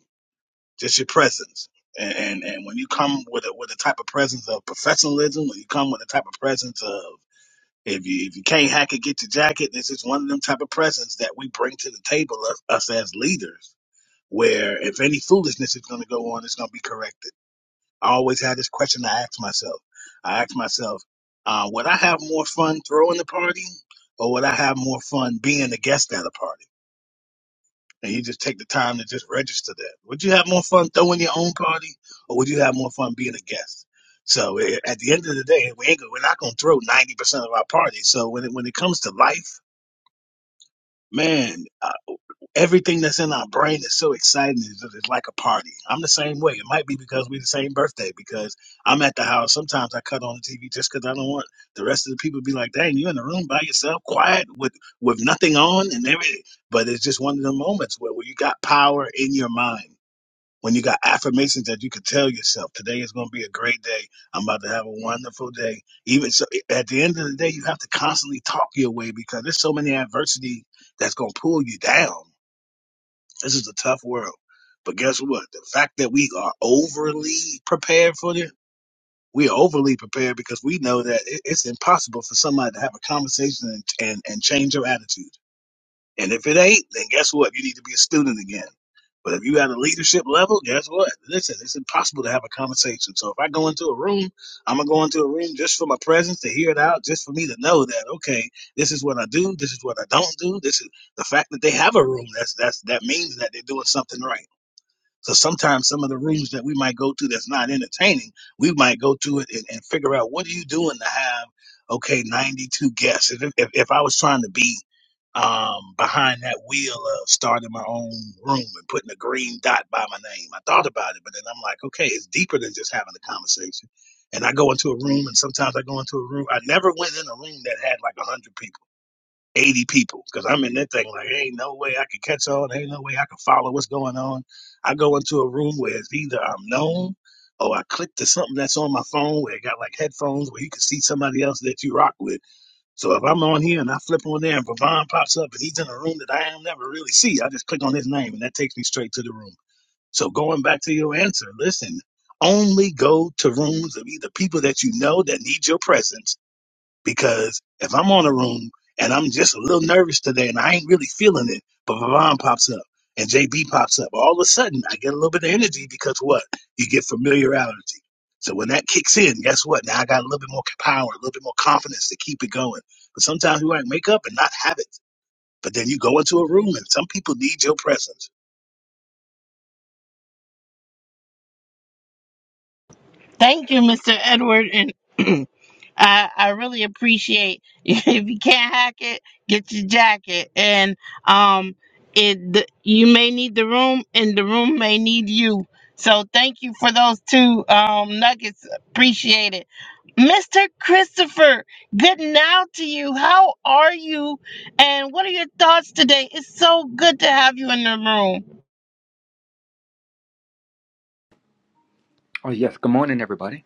S3: Just your presence. And, and and when you come with a with a type of presence of professionalism, when you come with a type of presence of If you if you can't hack it, get your jacket. This is one of them type of presents that we bring to the table us, us as leaders. Where if any foolishness is going to go on, it's going to be corrected. I always had this question I ask myself. I ask myself, uh, would I have more fun throwing the party, or would I have more fun being a guest at a party? And you just take the time to just register that. Would you have more fun throwing your own party, or would you have more fun being a guest? So eh, at the end of the day, we ain't, go- we're not going to throw 90% of our parties. So when it, when it comes to life man, uh, everything that's in our brain is so exciting. It's, it's like a party. I'm the same way. It might be because we're the same birthday. Because I'm at the house. Sometimes I cut on the TV just because I don't want the rest of the people to be like, "Dang, you in the room by yourself, quiet with with nothing on and everything." But it's just one of the moments where, where you got power in your mind when you got affirmations that you can tell yourself, today is going to be a great day. I'm about to have a wonderful day. Even so, at the end of the day, you have to constantly talk your way because there's so many adversity that's going to pull you down. This is a tough world. But guess what? The fact that we are overly prepared for it, we are overly prepared because we know that it- it's impossible for somebody to have a conversation and, and, and change your attitude. And if it ain't, then guess what? You need to be a student again. But if you at a leadership level, guess what? Listen, it's impossible to have a conversation. So if I go into a room, I'm gonna go into a room just for my presence to hear it out, just for me to know that okay, this is what I do, this is what I don't do. This is the fact that they have a room. That's that's that means that they're doing something right. So sometimes some of the rooms that we might go to that's not entertaining, we might go to it and, and figure out what are you doing to have okay 92 guests. If if, if I was trying to be um, behind that wheel of starting my own room and putting a green dot by my name, I thought about it, but then I'm like, okay, it's deeper than just having a conversation. And I go into a room, and sometimes I go into a room. I never went in a room that had like 100 people. 80 people because I'm in that thing like, ain't no way I can catch on. Ain't no way I can follow what's going on. I go into a room where it's either I'm known or I click to something that's on my phone where it got like headphones where you can see somebody else that you rock with. So if I'm on here and I flip on there and Vavon pops up and he's in a room that I am never really see, I just click on his name and that takes me straight to the room. So going back to your answer, listen, only go to rooms of either people that you know that need your presence because if I'm on a room and I'm just a little nervous today and I ain't really feeling it, but Vavon pops up and JB pops up, all of a sudden I get a little bit of energy because what? You get familiarity. So when that kicks in, guess what? Now I got a little bit more power, a little bit more confidence to keep it going. But sometimes we might make up and not have it. But then you go into a room and some people need your presence.
S1: Thank you, Mr. Edward and <clears throat> I, I really appreciate <laughs> if you can't hack it, get your jacket. And um, it the, you may need the room, and the room may need you. So thank you for those two um, nuggets. Appreciate it, Mr. Christopher. Good now to you. How are you? And what are your thoughts today? It's so good to have you in the room.
S4: Oh yes, good morning, everybody.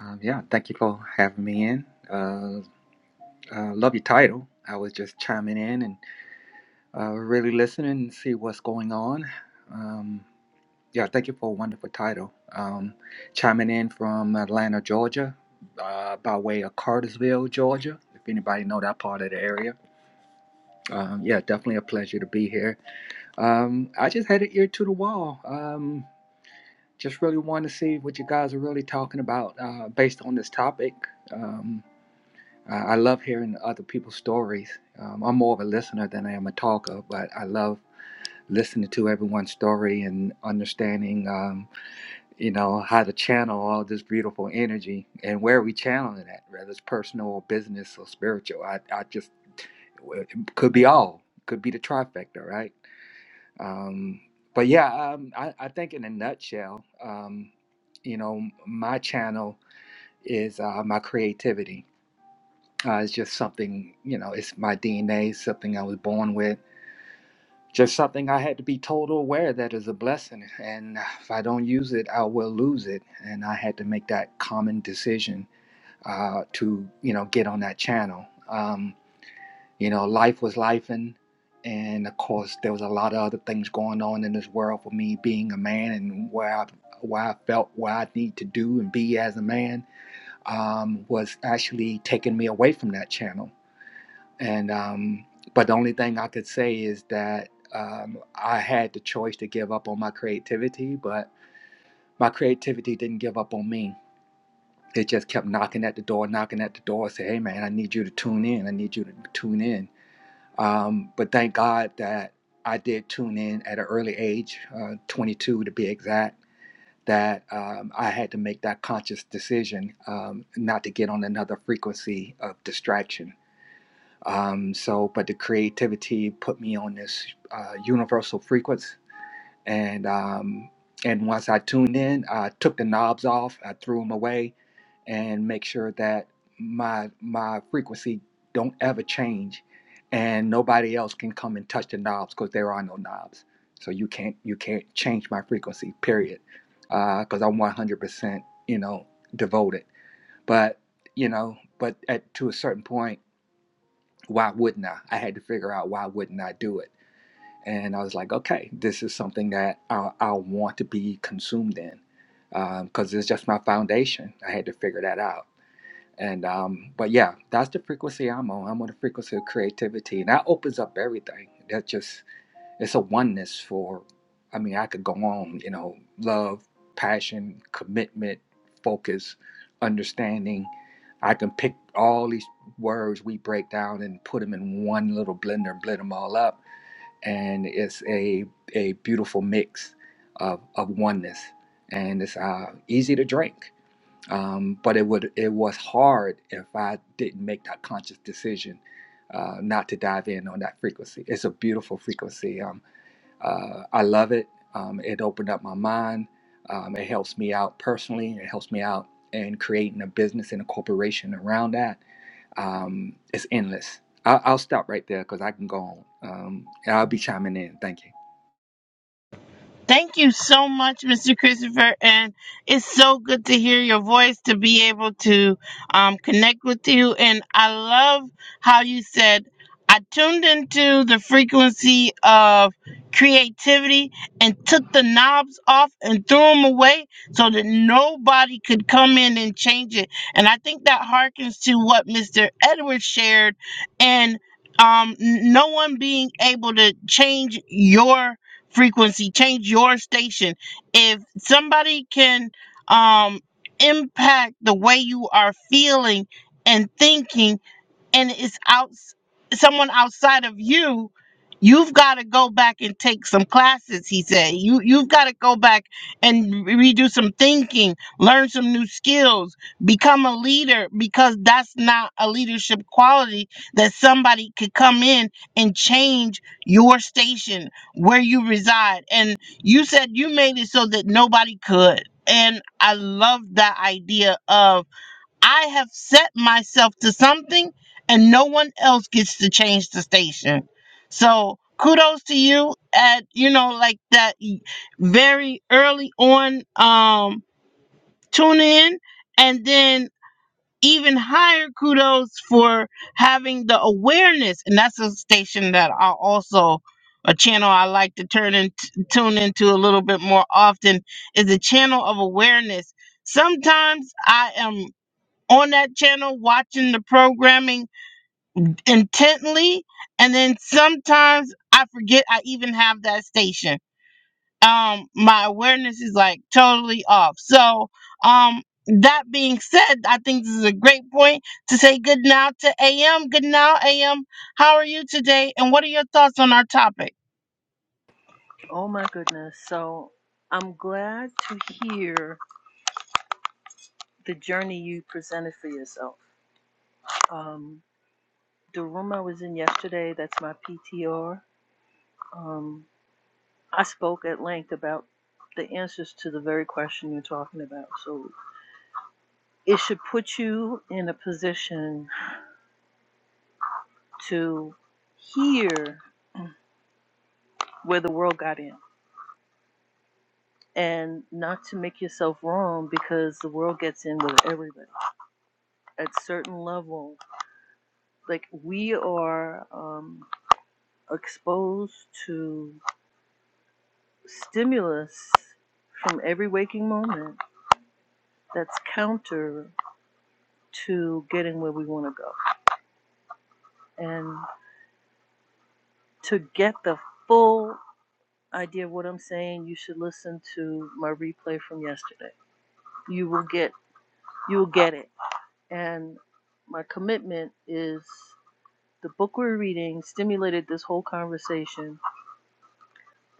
S4: Um, yeah, thank you for having me in. Uh, uh, love your title. I was just chiming in and uh, really listening and see what's going on. Um, yeah, thank you for a wonderful title. Um, chiming in from Atlanta, Georgia, uh, by way of Cartersville, Georgia. If anybody know that part of the area, um, yeah, definitely a pleasure to be here. Um, I just had an ear to the wall. Um, just really wanted to see what you guys are really talking about uh, based on this topic. Um, Uh, I love hearing other people's stories. Um, I'm more of a listener than I am a talker, but I love listening to everyone's story and understanding, um, you know, how to channel all this beautiful energy and where we channeling it, at, whether it's personal or business or spiritual. I, I just it could be all, could be the trifecta, right? Um, but yeah, um, I, I think in a nutshell, um, you know, my channel is uh, my creativity Uh, it's just something, you know, it's my DNA, something I was born with, just something I had to be total aware that is a blessing. And if I don't use it, I will lose it. And I had to make that common decision uh, to, you know, get on that channel. Um, you know, life was life. And, and of course, there was a lot of other things going on in this world for me being a man and where I, where I felt what I need to do and be as a man um, was actually taking me away from that channel and um, but the only thing I could say is that um, I had the choice to give up on my creativity, but my creativity didn't give up on me. It just kept knocking at the door, knocking at the door, say, "Hey, man, I need you to tune in. I need you to tune in." Um, but thank God that I did tune in at an early age, uh, 22 to be exact. That um, I had to make that conscious decision um, not to get on another frequency of distraction um, so, but the creativity put me on this uh, universal frequency, and um, and once I tuned in, I took the knobs off, I threw them away, and make sure that my my frequency don't ever change, and nobody else can come and touch the knobs because there are no knobs. So you can't you can't change my frequency, period, because I'm 100 percent you know devoted. But you know, but at to a certain point why wouldn't I? I had to figure out why wouldn't I do it. And I was like, okay, this is something that I, I want to be consumed in because um, it's just my foundation. I had to figure that out. And um, but yeah, that's the frequency I'm on. I'm on the frequency of creativity, and that opens up everything. That just it's a oneness for, I mean, I could go on, you know, love, passion, commitment, focus, understanding. I can pick all these words we break down and put them in one little blender and blend them all up. And it's a, a beautiful mix of, of oneness. And it's uh, easy to drink. Um, but it would it was hard if I didn't make that conscious decision uh, not to dive in on that frequency. It's a beautiful frequency. Um, uh, I love it. Um, it opened up my mind. Um, it helps me out personally. It helps me out in creating a business and a corporation around that. Um, it's endless. I- I'll stop right there because I can go on. Um, and I'll be chiming in. Thank you.
S1: Thank you so much, Mr. Christopher. And it's so good to hear your voice, to be able to um, connect with you. And I love how you said, I tuned into the frequency of creativity and took the knobs off and threw them away so that nobody could come in and change it. And I think that harkens to what Mr. Edwards shared and um, n- no one being able to change your frequency change your station if somebody can um impact the way you are feeling and thinking and it's out someone outside of you you've got to go back and take some classes he said you you've got to go back and re- redo some thinking learn some new skills become a leader because that's not a leadership quality that somebody could come in and change your station where you reside and you said you made it so that nobody could and i love that idea of I have set myself to something and no one else gets to change the station. So kudos to you at, you know, like that e, very early on um tune in and then even higher kudos for having the awareness and that's a station that I also a channel I like to turn and tune into a little bit more often is a channel of awareness sometimes I am on that channel watching the programming intently and then sometimes i forget i even have that station um my awareness is like totally off so um that being said i think this is a great point to say good now to am good now am how are you today and what are your thoughts on our topic
S5: Oh my goodness. So I'm glad to hear the journey you presented for yourself. Um, the room I was in yesterday, that's my PTR, um, I spoke at length about the answers to the very question you're talking about. So it should put you in a position to hear where the world got in and not to make yourself wrong because the world gets in with everybody at certain level like we are um, exposed to stimulus from every waking moment that's counter to getting where we want to go. And to get the full idea of what I'm saying, you should listen to my replay from yesterday. You will get you will get it. And my commitment is the book we're reading stimulated this whole conversation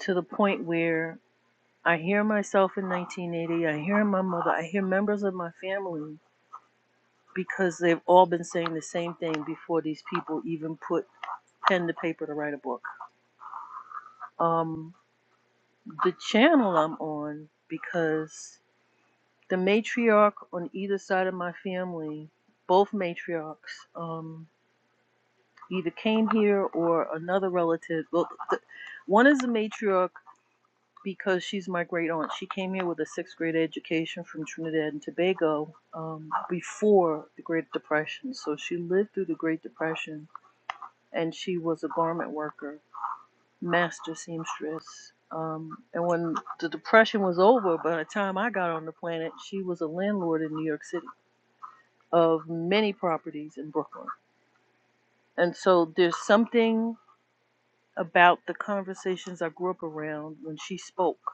S5: to the point where I hear myself in 1980. I hear my mother. I hear members of my family because they've all been saying the same thing before these people even put pen to paper to write a book. Um, the channel I'm on because the matriarch on either side of my family, both matriarchs, um, either came here or another relative. Well, the, one is the matriarch because she's my great aunt. She came here with a sixth grade education from Trinidad and Tobago um, before the Great Depression. So she lived through the Great Depression and she was a garment worker, master seamstress. Um, and when the Depression was over, by the time I got on the planet, she was a landlord in New York City of many properties in Brooklyn. And so there's something about the conversations I grew up around when she spoke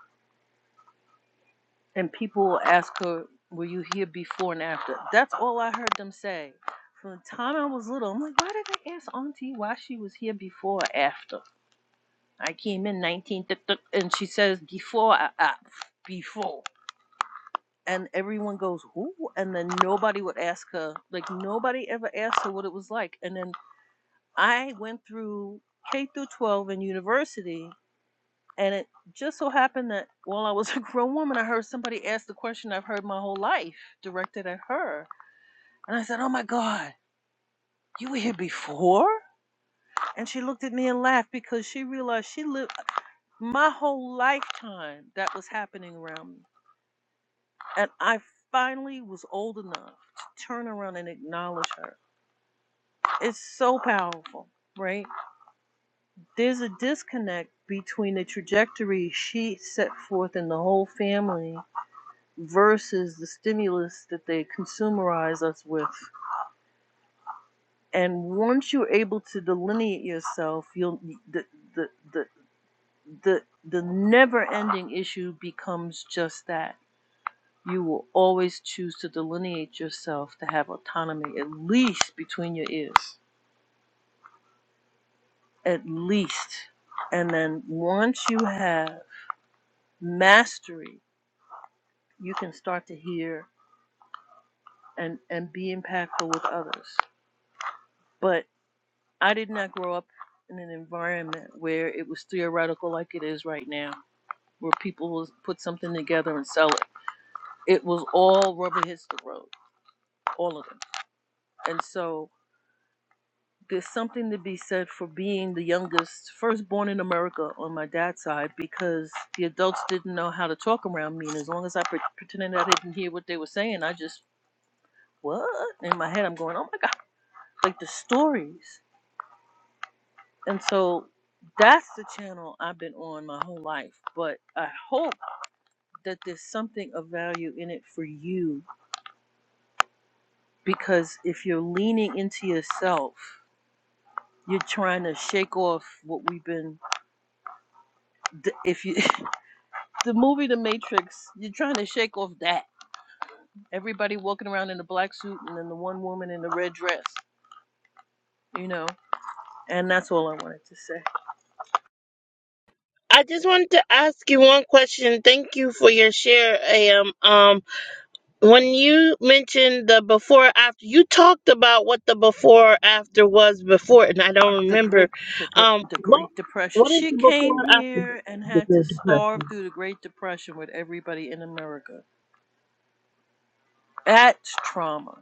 S5: And people will ask her, Were you here before and after? That's all I heard them say. From the time I was little, I'm like, Why did they ask Auntie why she was here before or after? I came in 19, th- th- and she says, Before, I, I, before. And everyone goes, Who? And then nobody would ask her, like, nobody ever asked her what it was like. And then I went through K through 12 in university and it just so happened that while I was <laughs> a grown woman, I heard somebody ask the question I've heard my whole life directed at her. And I said, Oh my God, you were here before? And she looked at me and laughed because she realized she lived my whole lifetime that was happening around me. And I finally was old enough to turn around and acknowledge her. It's so powerful, right? There's a disconnect between the trajectory she set forth in the whole family versus the stimulus that they consumerize us with. And once you're able to delineate yourself, you'll the the the the, the never-ending issue becomes just that. You will always choose to delineate yourself to have autonomy, at least between your ears, at least. And then once you have mastery, you can start to hear and and be impactful with others. but. I did not grow up in an environment where it was theoretical like it is right now, where people will put something together and sell it. It was all rubber hits the road, all of them. And so there's something to be said for being the youngest, firstborn in America on my dad's side, because the adults didn't know how to talk around me. And as long as I pre- pretended I didn't hear what they were saying, I just, what? In my head, I'm going, oh my God, like the stories. And so that's the channel I've been on my whole life. But I hope that there's something of value in it for you because if you're leaning into yourself, you're trying to shake off what we've been. th- If you, <laughs> the movie The Matrix, you're trying to shake off that. Everybody walking around in a black suit and then the one woman in the red dress, you know? And that's all I wanted to say.
S1: i just wanted to ask you one question thank you for your share am um when you mentioned the before after you talked about what the before after was before and i don't
S5: the
S1: remember
S5: great the great
S1: um
S5: the
S1: what
S5: great depression
S1: what is
S5: she
S1: the
S5: came
S1: before after
S5: here and
S1: the
S5: had to
S1: great
S5: starve
S1: depression
S5: through the great depression with everybody in america that's trauma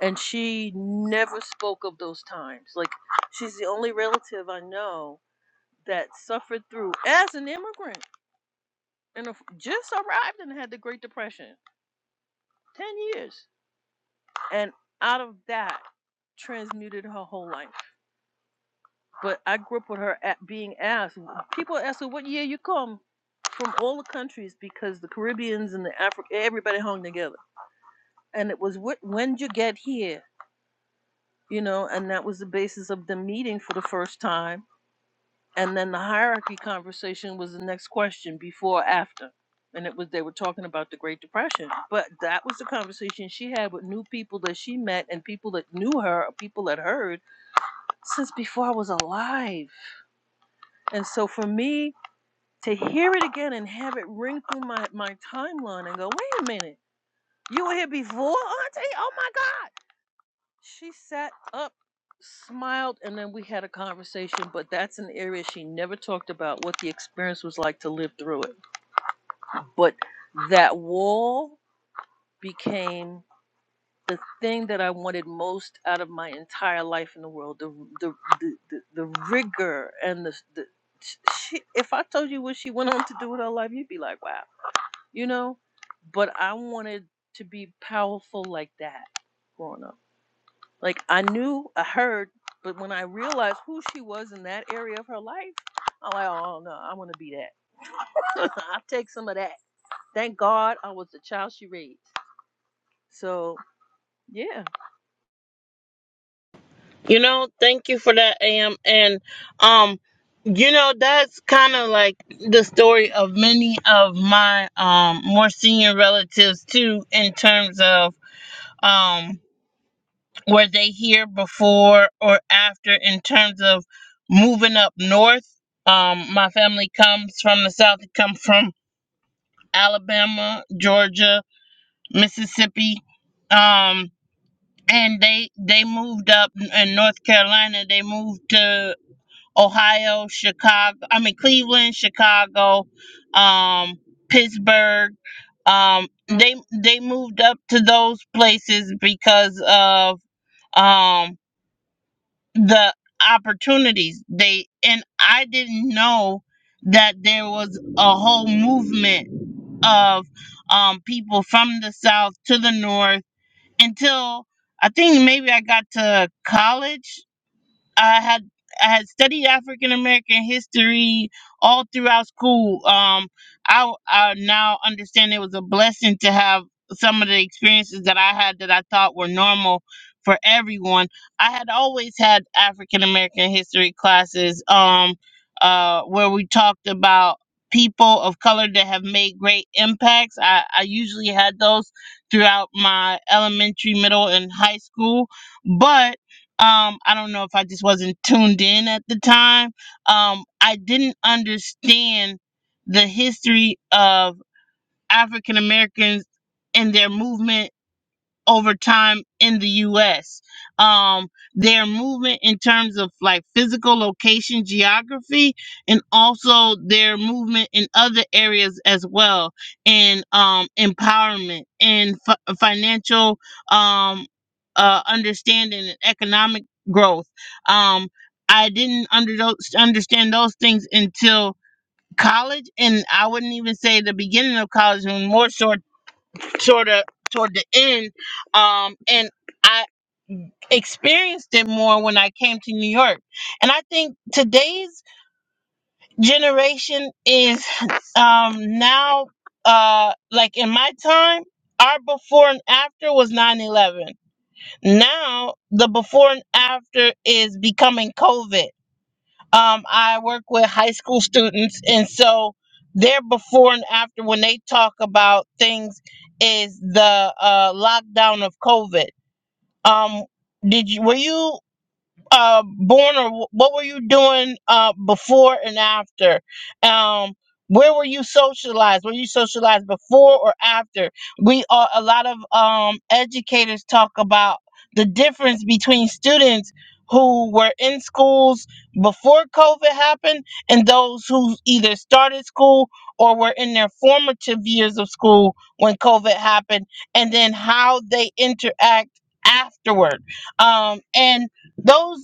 S5: and she never spoke of those times like she's the only relative i know that suffered through as an immigrant and if- just arrived and had the great depression 10 years and out of that transmuted her whole life But I grew up with her at being asked. People ask her, "What year you come?" From all the countries because the Caribbeans and the Africa, everybody hung together, and it was "When did you get here, you know, and that was the basis of the meeting for the first time. And then the hierarchy conversation was the next question, before or after, and it was they were talking about the Great Depression. But that was the conversation she had with new people that she met and people that knew her, or people that heard since before I was alive. And so for me, to hear it again and have it ring through my, my timeline and go, wait a minute, you were here before, Auntie? Oh my God. She sat up, smiled, and then we had a conversation. But that's an area she never talked about what the experience was like to live through it. But that wall became the thing that I wanted most out of my entire life in the world the, the, the, the, the rigor and the, the she, if I told you what she went on to do with her life, you'd be like, wow you know? But I wanted to be powerful like that growing up. Like I knew, I heard, but when I realized who she was in that area of her life, I'm like, oh no, I want to be that. <laughs> I'll take some of that. Thank God I was the child she raised. So yeah,
S1: you know thank you for that am and um you know that's kind of like the story of many of my um more senior relatives too in terms of um Were they here before or after in terms of moving up north? Um, my family comes from the south. It comes from Alabama, Georgia, Mississippi, um, and they they moved up in North Carolina. They moved to Ohio, Chicago. I mean Cleveland, Chicago, um, Pittsburgh. Um, they they moved up to those places because of um the opportunities they and i didn't know that there was a whole movement of um people from the south to the north until i think maybe i got to college I had I had studied African American history all throughout school. Um, I I now understand it was a blessing to have some of the experiences that I had that I thought were normal for everyone. I had always had African American history classes, um, uh, where we talked about people of color that have made great impacts. I, I usually had those throughout my elementary, middle, and high school, but um i don't know if i just wasn't tuned in at the time um i didn't understand the history of african americans and their movement over time in the US. Um, their movement in terms of like physical location geography and also their movement in other areas as well and um, empowerment and fi- financial um, uh, understanding and economic growth. Um, I didn't under those, understand those things until college and I wouldn't even say the beginning of college and more so Sort of toward the end um and i experienced it more when i came to new york and i think today's generation is um now uh like in my time our before and after was nine eleven. now the before and after is becoming covid um, I work with high school students, and so their before and after when they talk about things is the uh, lockdown of COVID. Um, did you were you? uh, born or wh- what were you doing uh, before and after? Um, where were you socialized? Were you socialized before or after? We are a lot of um, educators talk about the difference between students who were in schools before COVID happened and those who either started school or were in their formative years of school when COVID happened, and then how they interact afterward. Um, and those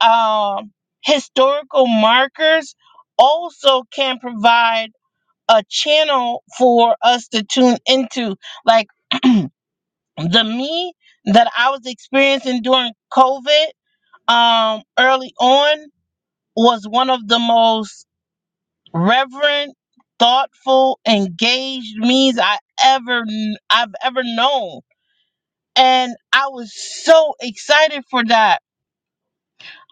S1: um, historical markers also can provide a channel for us to tune into. Like <clears throat> the me that I was experiencing during COVID um, early on was one of the most reverent, thoughtful, engaged me's I ever I've ever known, and I was so excited for that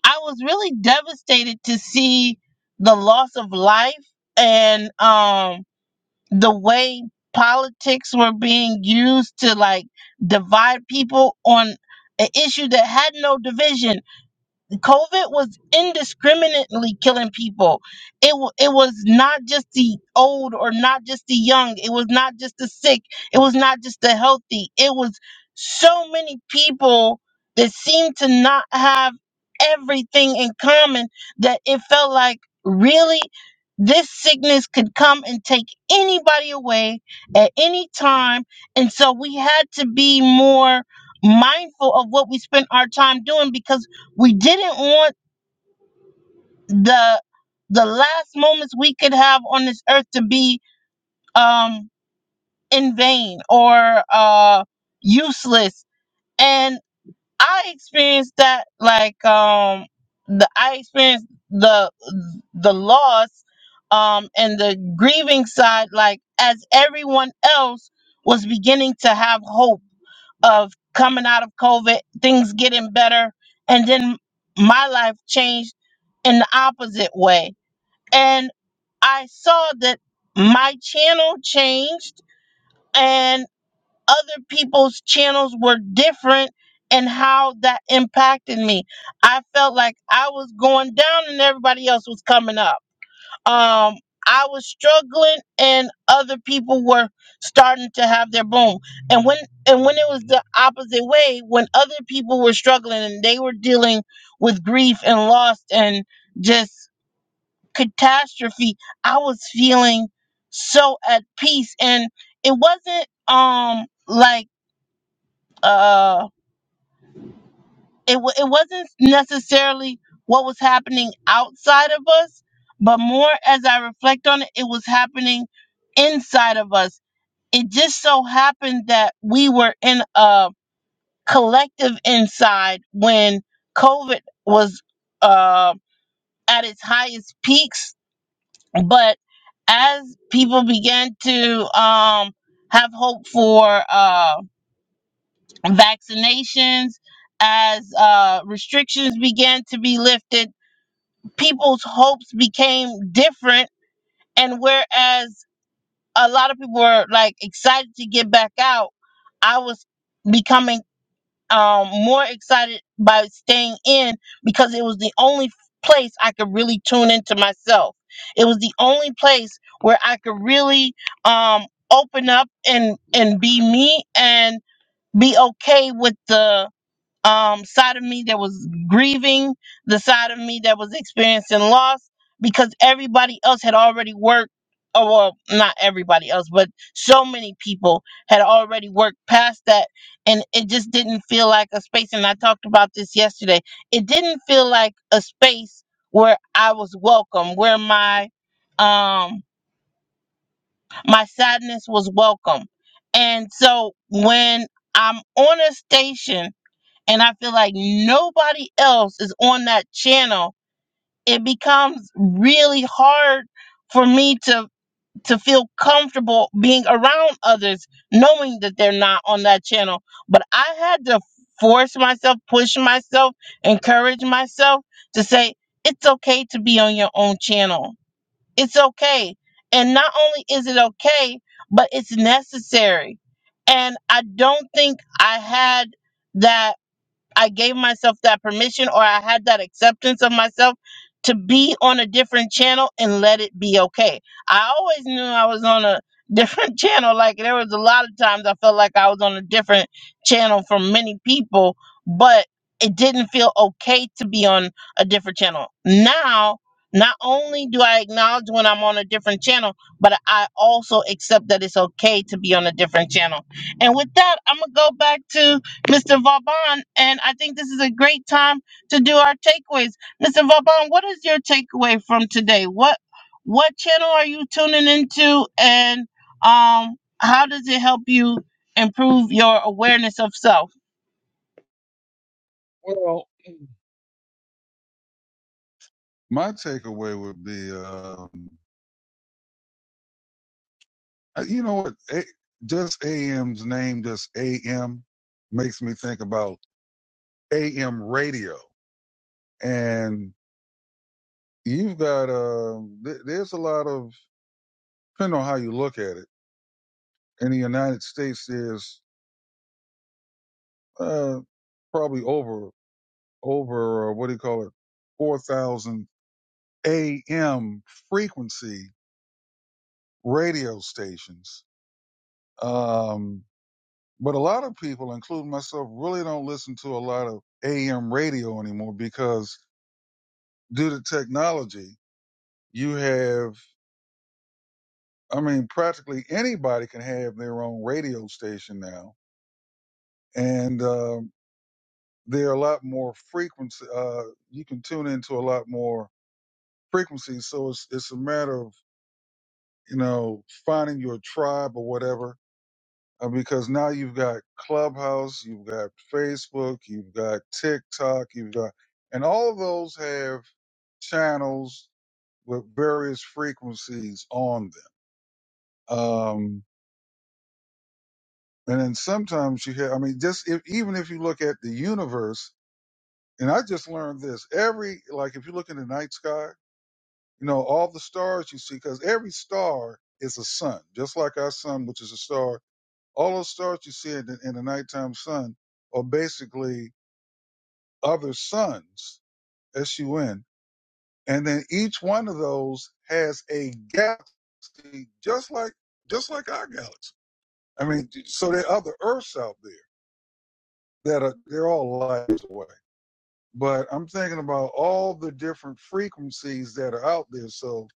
S1: I was really devastated to see the loss of life and um the way politics were being used to like divide people on an issue that had no division COVID was indiscriminately killing people. It wa- it was not just the old or not just the young. It was not just the sick. It was not just the healthy. It was so many people that seemed to not have everything in common that it felt like really this sickness could come and take anybody away at any time. And so we had to be more mindful of what we spent our time doing because we didn't want the the last moments we could have on this earth to be um in vain or uh useless. And I experienced that like um the I experienced the the loss um and the grieving side like as everyone else was beginning to have hope of coming out of COVID, things getting better. And then my life changed in the opposite way. And I saw that my channel changed and other people's channels were different and how that impacted me. I felt like I was going down and everybody else was coming up um I was struggling and other people were starting to have their boom. And when and when it was the opposite way, when other people were struggling and they were dealing with grief and loss and just catastrophe, I was feeling so at peace and it wasn't um like uh. it, wa it wasn't necessarily what was happening outside of us, but more as I reflect on it, it was happening inside of us. It just so happened that we were in a collective inside when COVID was uh, at its highest peaks. But as people began to um, have hope for uh, vaccinations, as uh, restrictions began to be lifted, people's hopes became different and whereas a lot of people were like excited to get back out i was becoming um more excited by staying in because it was the only place i could really tune into myself it was the only place where i could really um open up and and be me and be okay with the um, side of me that was grieving, the side of me that was experiencing loss, because everybody else had already worked. Oh, well, not everybody else, but so many people had already worked past that, and it just didn't feel like a space. And I talked about this yesterday. It didn't feel like a space where I was welcome, where my um my sadness was welcome. And so when I'm on a station and I feel like nobody else is on that channel, it becomes really hard for me to to feel comfortable being around others knowing that they're not on that channel. But I had to force myself, push myself, encourage myself to say it's okay to be on your own channel. It's okay. And not only is it okay, but it's necessary. And I don't think I had that I gave myself that permission or I had that acceptance of myself to be on a different channel and let it be okay. I always knew I was on a <laughs> different channel. Like there was a lot of times I felt like I was on a different channel from many people, but it didn't feel okay to be on a different channel. Now, not only do I acknowledge when I'm on a different channel, but I also accept that it's okay to be on a different channel. And with that, I'm going to go back to Mr. Vauban, and I think this is a great time to do our takeaways. Mr. Vauban, what is your takeaway from today? What what channel are you tuning into, and um, how does it help you improve your awareness of self?
S2: Well, my takeaway would be. Uh, Uh, You know what? A- Just AM's name, just AM, makes me think about AM radio. And you've got, uh, th- there's a lot of, depending on how you look at it, in the United States, there's uh, probably over, over, uh, what do you call it, 4,000 AM frequency radio stations. Um, but a lot of people, including myself, really don't listen to a lot of AM radio anymore because due to technology, you have, I mean, practically anybody can have their own radio station now. And um, there are a lot more frequency, uh, you can tune into a lot more frequencies. So it's, it's a matter of, you know, finding your tribe or whatever, uh, because now you've got Clubhouse, you've got Facebook, you've got TikTok, you've got, and all of those have channels with various frequencies on them. Um, And then sometimes you have, I mean, just if, even if you look at the universe, and I just learned this every, like if you look in the night sky, you know, all the stars you see, because every star is a sun, just like our sun, which is a star. All those stars you see in the, in the nighttime sun are basically other suns, S-U-N. And then each one of those has a galaxy, just like, just like our galaxy. I mean, so there are other Earths out there that are, they're all light years away. but I'm thinking about all the different frequencies that are out there. So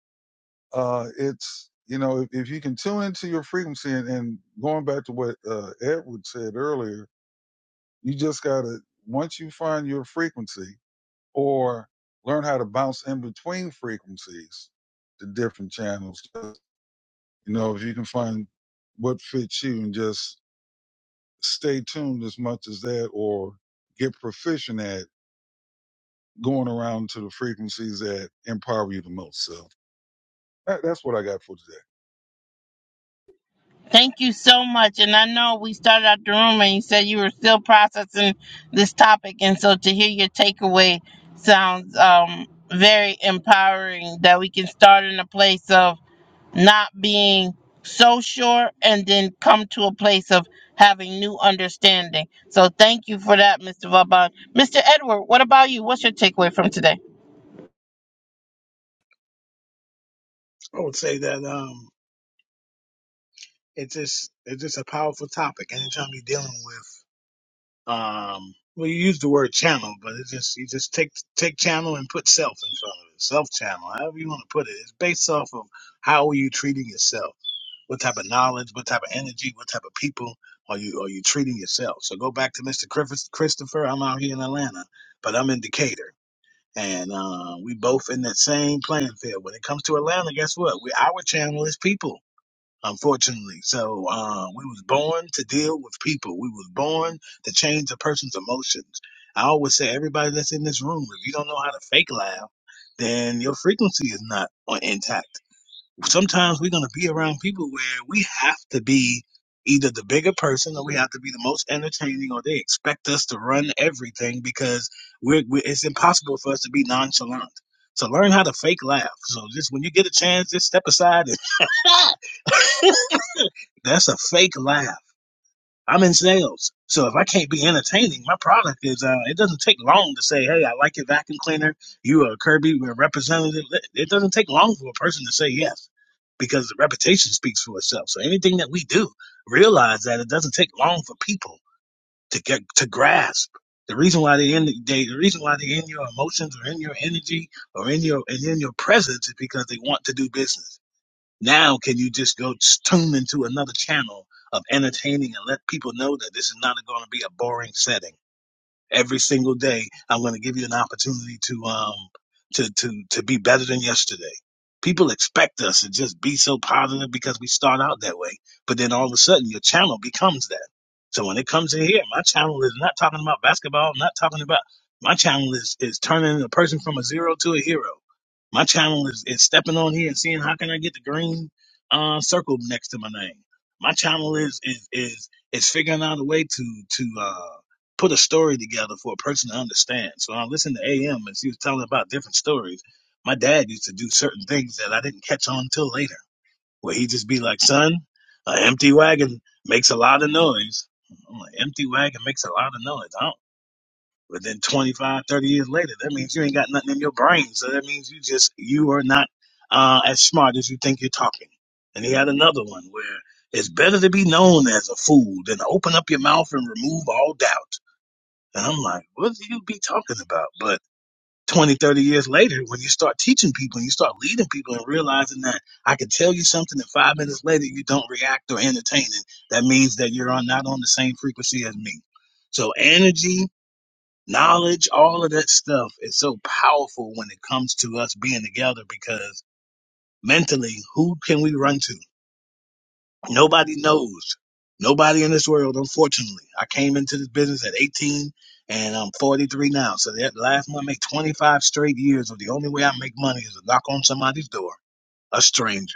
S2: uh, it's you know if, if you can tune into your frequency and, and going back to what uh, Edward said earlier, you just gotta once you find your frequency or learn how to bounce in between frequencies, the different channels. You know if you can find what fits you and just stay tuned as much as that or get proficient at going around to the frequencies that empower you the most. So that, that's what I got for today.
S1: Thank you so much. And I know we started out the room, and you said you were still processing this topic, and so to hear your takeaway sounds um, very empowering. That we can start in a place of not being so sure and then come to a place of having new understanding. So thank you for that, Mr. Vaban. Mr. Edward, what about you? What's your takeaway from today?
S3: I would say that um, it's just it's just a powerful topic. Anytime you're dealing with Um, well, you use the word channel, but it just you just take take channel and put self in front of it. Self channel, however you want to put it. It's based off of how are you treating yourself? What type of knowledge? What type of energy? What type of people are you are you treating yourself? So go back to Mr. Christopher. Christopher, I'm out here in Atlanta, but I'm in Decatur, and uh, we both in that same playing field. When it comes to Atlanta, guess what? We our channel is people unfortunately. So uh, we was born to deal with people. We was born to change a person's emotions. I always say everybody that's in this room, if you don't know how to fake laugh, then your frequency is not on- intact sometimes we're going to be around people where we have to be either the bigger person or we have to be the most entertaining or they expect us to run everything because we're, we it's impossible for us to be nonchalant so learn how to fake laugh so just when you get a chance just step aside and <laughs> that's a fake laugh I'm in sales. So if I can't be entertaining, my product is, uh, it doesn't take long to say, hey, I like your vacuum cleaner. You are a Kirby, we're a representative. It doesn't take long for a person to say yes because the reputation speaks for itself. So anything that we do, realize that it doesn't take long for people to get, to grasp. The reason why they in the they, the reason why they're in your emotions or in your energy or in your and in your presence is because they want to do business now, can you just go tune into another channel of entertaining and let people know that this is not going to be a boring setting? every single day i'm going to give you an opportunity to um to to to be better than yesterday people expect us to just be so positive because we start out that way but then all of a sudden your channel becomes that so when it comes in here my channel is not talking about basketball i'm not talking about my channel is is turning a person from a zero to a hero my channel is, is stepping on here and seeing how can i get the green uh circle next to my name my channel is is is is figuring out a way to to uh put a story together for a person to understand. So I listened to AM and she was telling about different stories. My dad used to do certain things that I didn't catch on till later, where he'd just be like, son, an empty wagon makes a lot of noise. I'm like, empty wagon makes a lot of noise. I don't. But then 25, 30 years later, that means you ain't got nothing in your brain. So that means you just, you are not uh, as smart as you think you're talking. And he had another one where it's better to be known as a fool than open up your mouth and remove all doubt. And I'm like, what do you be talking about? But 20, 30 years later, when you start teaching people and you start leading people and realizing that I can tell you something and five minutes later you don't react or entertain it, that means that you're on, not on the same frequency as me. So energy, knowledge, all of that stuff is so powerful when it comes to us being together because mentally, who can we run to? Nobody knows. Nobody in this world, unfortunately. I came into this business at 18 and I'm 43 now. So that last month, I make 25 straight years of the only way I make money is to knock on somebody's door, a stranger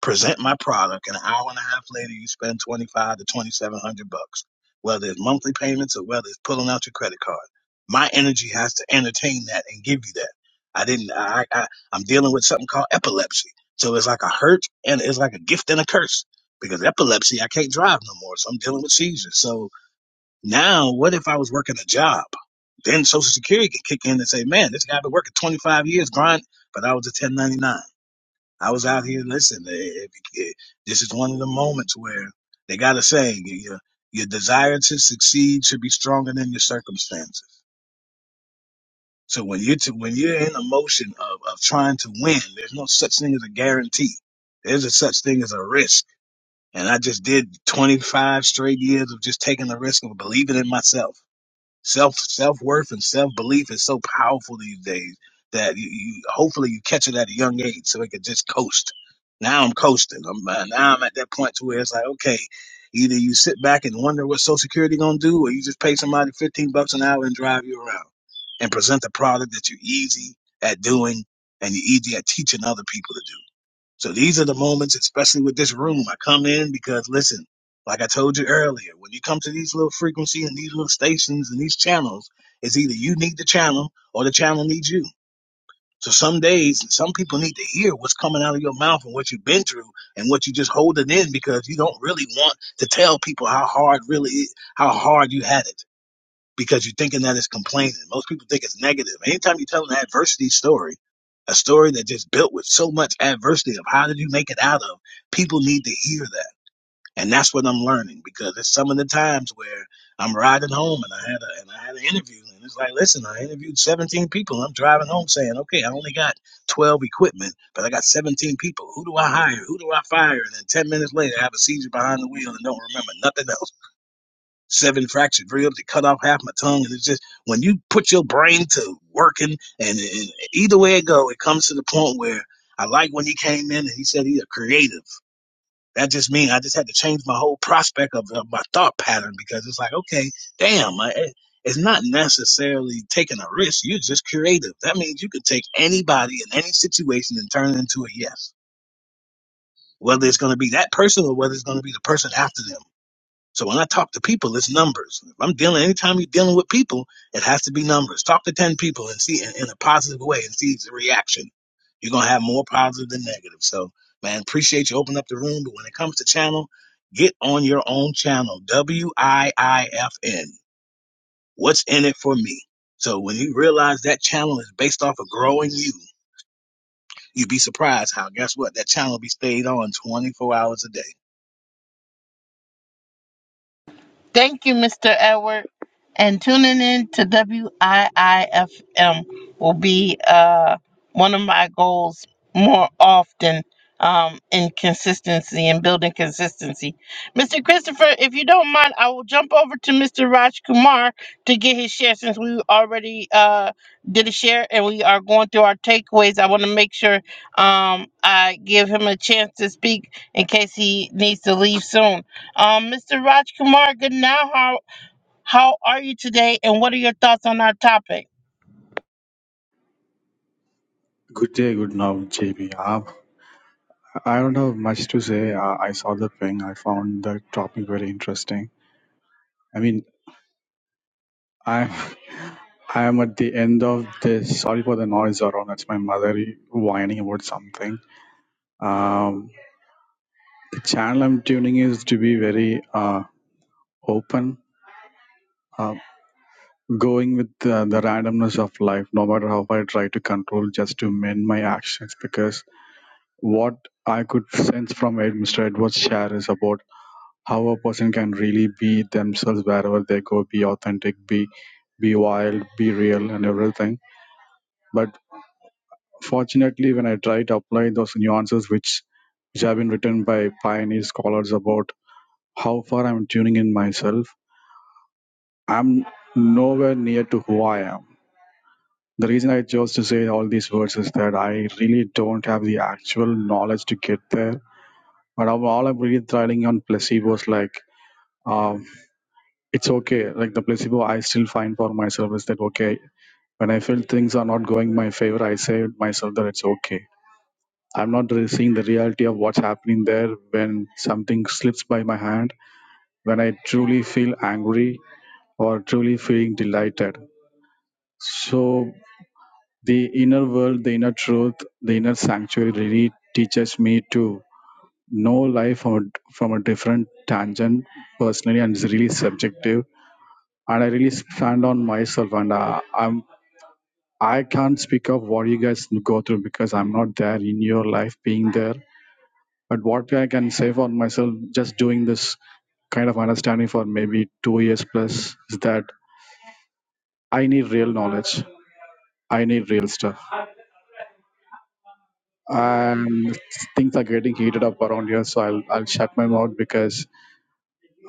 S3: present my product, and an hour and a half later, you spend twenty five to twenty seven hundred bucks, whether it's monthly payments or whether it's pulling out your credit card. My energy has to entertain that and give you that. I didn't. I, I I'm dealing with something called epilepsy, so it's like a hurt and it's like a gift and a curse because epilepsy, I can't drive no more, so I'm dealing with seizures. So now, what if I was working a job? Then Social Security can kick in and say, "Man, this guy been working 25 years, grind," but I was a 1099. I was out here. Listen, eh, eh, eh, this is one of the moments where they got a saying: your your desire to succeed should be stronger than your circumstances. So when you're to, when you're in a motion of of trying to win, there's no such thing as a guarantee. There's a such thing as a risk. And I just did 25 straight years of just taking the risk of believing in myself. Self self worth and self belief is so powerful these days that you, you hopefully you catch it at a young age so it can just coast. Now I'm coasting. I'm uh, now I'm at that point to where it's like okay, either you sit back and wonder what Social Security gonna do, or you just pay somebody fifteen bucks an hour and drive you around and present a product that you're easy at doing and you're easy at teaching other people to do. So these are the moments, especially with this room, I come in because listen, like I told you earlier, when you come to these little frequencies and these little stations and these channels, it's either you need the channel or the channel needs you. So some days, some people need to hear what's coming out of your mouth and what you've been through and what you just holding in because you don't really want to tell people how hard really, how hard you had it because you're thinking that it's complaining. Most people think it's negative. Anytime you tell an adversity story, a story that just built with so much adversity of how did you make it out of, people need to hear that. And that's what I'm learning because it's some of the times where I'm riding home and I had a and I had an interview and it's like, listen, I interviewed 17 people. And I'm driving home saying, okay, I only got 12 equipment, but I got 17 people. Who do I hire? Who do I fire? And then 10 minutes later, I have a seizure behind the wheel and don't remember nothing else seven fractured ribs. It cut off half my tongue. And it's just when you put your brain to working, and, and either way it go, it comes to the point where I like when he came in and he said he's a creative. That just means I just had to change my whole prospect of, of my thought pattern because it's like, okay, damn, I, it's not necessarily taking a risk. You're just creative. That means you can take anybody in any situation and turn it into a yes. Whether it's going to be that person or whether it's going to be the person after them so when I talk to people, it's numbers. If I'm dealing, anytime you're dealing with people, it has to be numbers. Talk to 10 people and see in, in a positive way and see the reaction. You're going to have more positive than negative. So, man, appreciate you opening up the room. But when it comes to channel, get on your own channel, W I I F N. What's in it for me? So when you realize that channel is based off of growing you, you'd be surprised how, guess what? That channel be stayed on 24 hours a day.
S1: Thank you, Mr. Edward. And tuning in to WIIFM will be uh, one of my goals more often um, in consistency and building consistency. Mr. Christopher, if you don't mind, I will jump over to Mr. Raj Kumar to get his share since we already uh, did a share and we are going through our takeaways. I want to make sure um, I give him a chance to speak in case he needs to leave soon. Um, Mr. Rajkumar, good now. How how are you today, and what are your thoughts on our topic?
S6: Good day, good now, JB. Uh, I don't have much to say. Uh, I saw the thing. I found the topic very interesting. I mean, I'm <laughs> I am at the end of this. Sorry for the noise around. That's my mother whining about something. Um, the channel I'm tuning is to be very uh, open, uh, going with uh, the randomness of life. No matter how I try to control, just to mend my actions because what I could sense from Ed, Mr. Edward's share is about. how a person can really be themselves wherever they go be authentic be be wild be real and everything but fortunately when i try to apply those nuances which which have been written by pioneer scholars about how far i'm tuning in myself i'm nowhere near to who i am the reason i chose to say all these words is that i really don't have the actual knowledge to get there but I'm- all i'm really trying on placebos like uh, it's okay like the placebo i still find for myself is that okay when i feel things are not going my favor i say to myself that it's okay i'm not really seeing the reality of what's happening there when something slips by my hand when i truly feel angry or truly feeling delighted so the inner world the inner truth the inner sanctuary really teaches me to know life from a, from a different tangent personally and it's really subjective and I really stand on myself and uh, I'm I can't speak of what you guys go through because I'm not there in your life being there. But what I can say for myself, just doing this kind of understanding for maybe two years plus, is that I need real knowledge. I need real stuff. And things are getting heated up around here, so I'll I'll shut my mouth because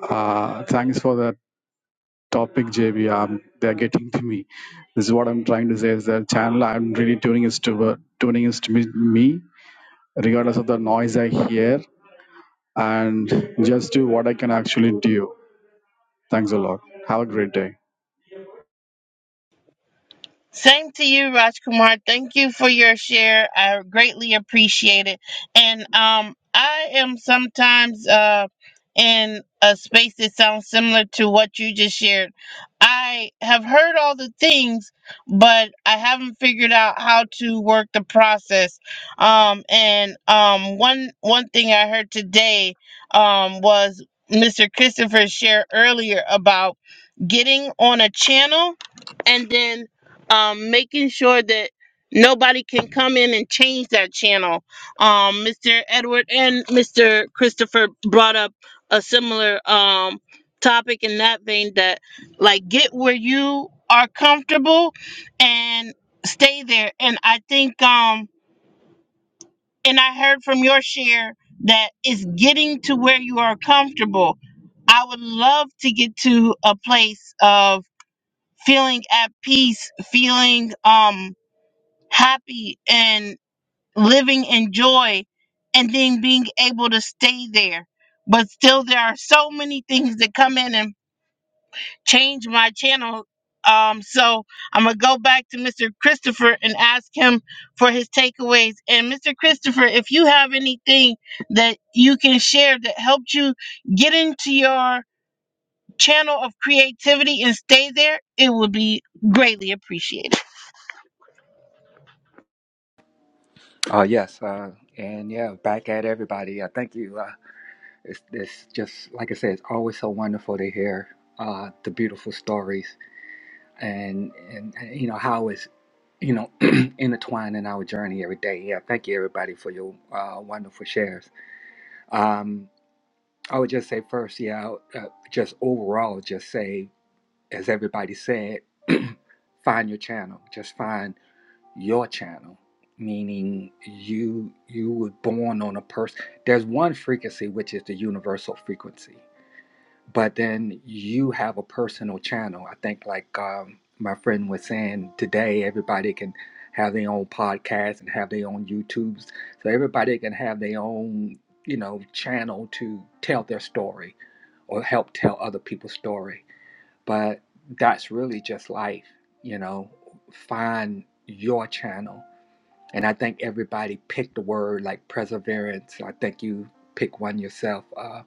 S6: uh, thanks for that topic, JB. Um, they're getting to me. This is what I'm trying to say is that channel I'm really tuning is to tuning is to me me, regardless of the noise I hear and just do what I can actually do. Thanks a lot. Have a great day.
S1: Same to you, Rajkumar. Thank you for your share. I greatly appreciate it. And um, I am sometimes uh, in a space that sounds similar to what you just shared. I have heard all the things, but I haven't figured out how to work the process. Um, and um, one one thing I heard today um, was Mr. Christopher's share earlier about getting on a channel and then um, making sure that nobody can come in and change that channel. Um, Mr. Edward and Mr. Christopher brought up a similar um, topic in that vein that, like, get where you are comfortable and stay there. And I think, um, and I heard from your share that it's getting to where you are comfortable. I would love to get to a place of feeling at peace, feeling um happy and living in joy and then being able to stay there. But still, there are so many things that come in and change my channel. Um, so I'm gonna go back to Mr. Christopher and ask him for his takeaways. And Mr. Christopher, if you have anything that you can share that helped you get into your channel of creativity and stay there, it would be greatly appreciated.
S4: Uh, yes. Uh, and yeah, back at everybody. Uh, thank you. Uh, it's, it's just, like I said, it's always so wonderful to hear uh, the beautiful stories and and and, you know how it's you know <clears throat> intertwined in our journey every day. Yeah, thank you everybody for your uh, wonderful shares. Um, I would just say first, yeah, uh, just overall, just say as everybody said, <clears throat> find your channel. Just find your channel. Meaning you you were born on a person. There's one frequency which is the universal frequency but then you have a personal channel. I think, like um, my friend was saying today, everybody can have their own podcast and have their own YouTubes. So everybody can have their own, you know, channel to tell their story or help tell other people's story. But that's really just life, you know, find your channel. And I think everybody picked a word like perseverance. I think you pick one yourself. Uh,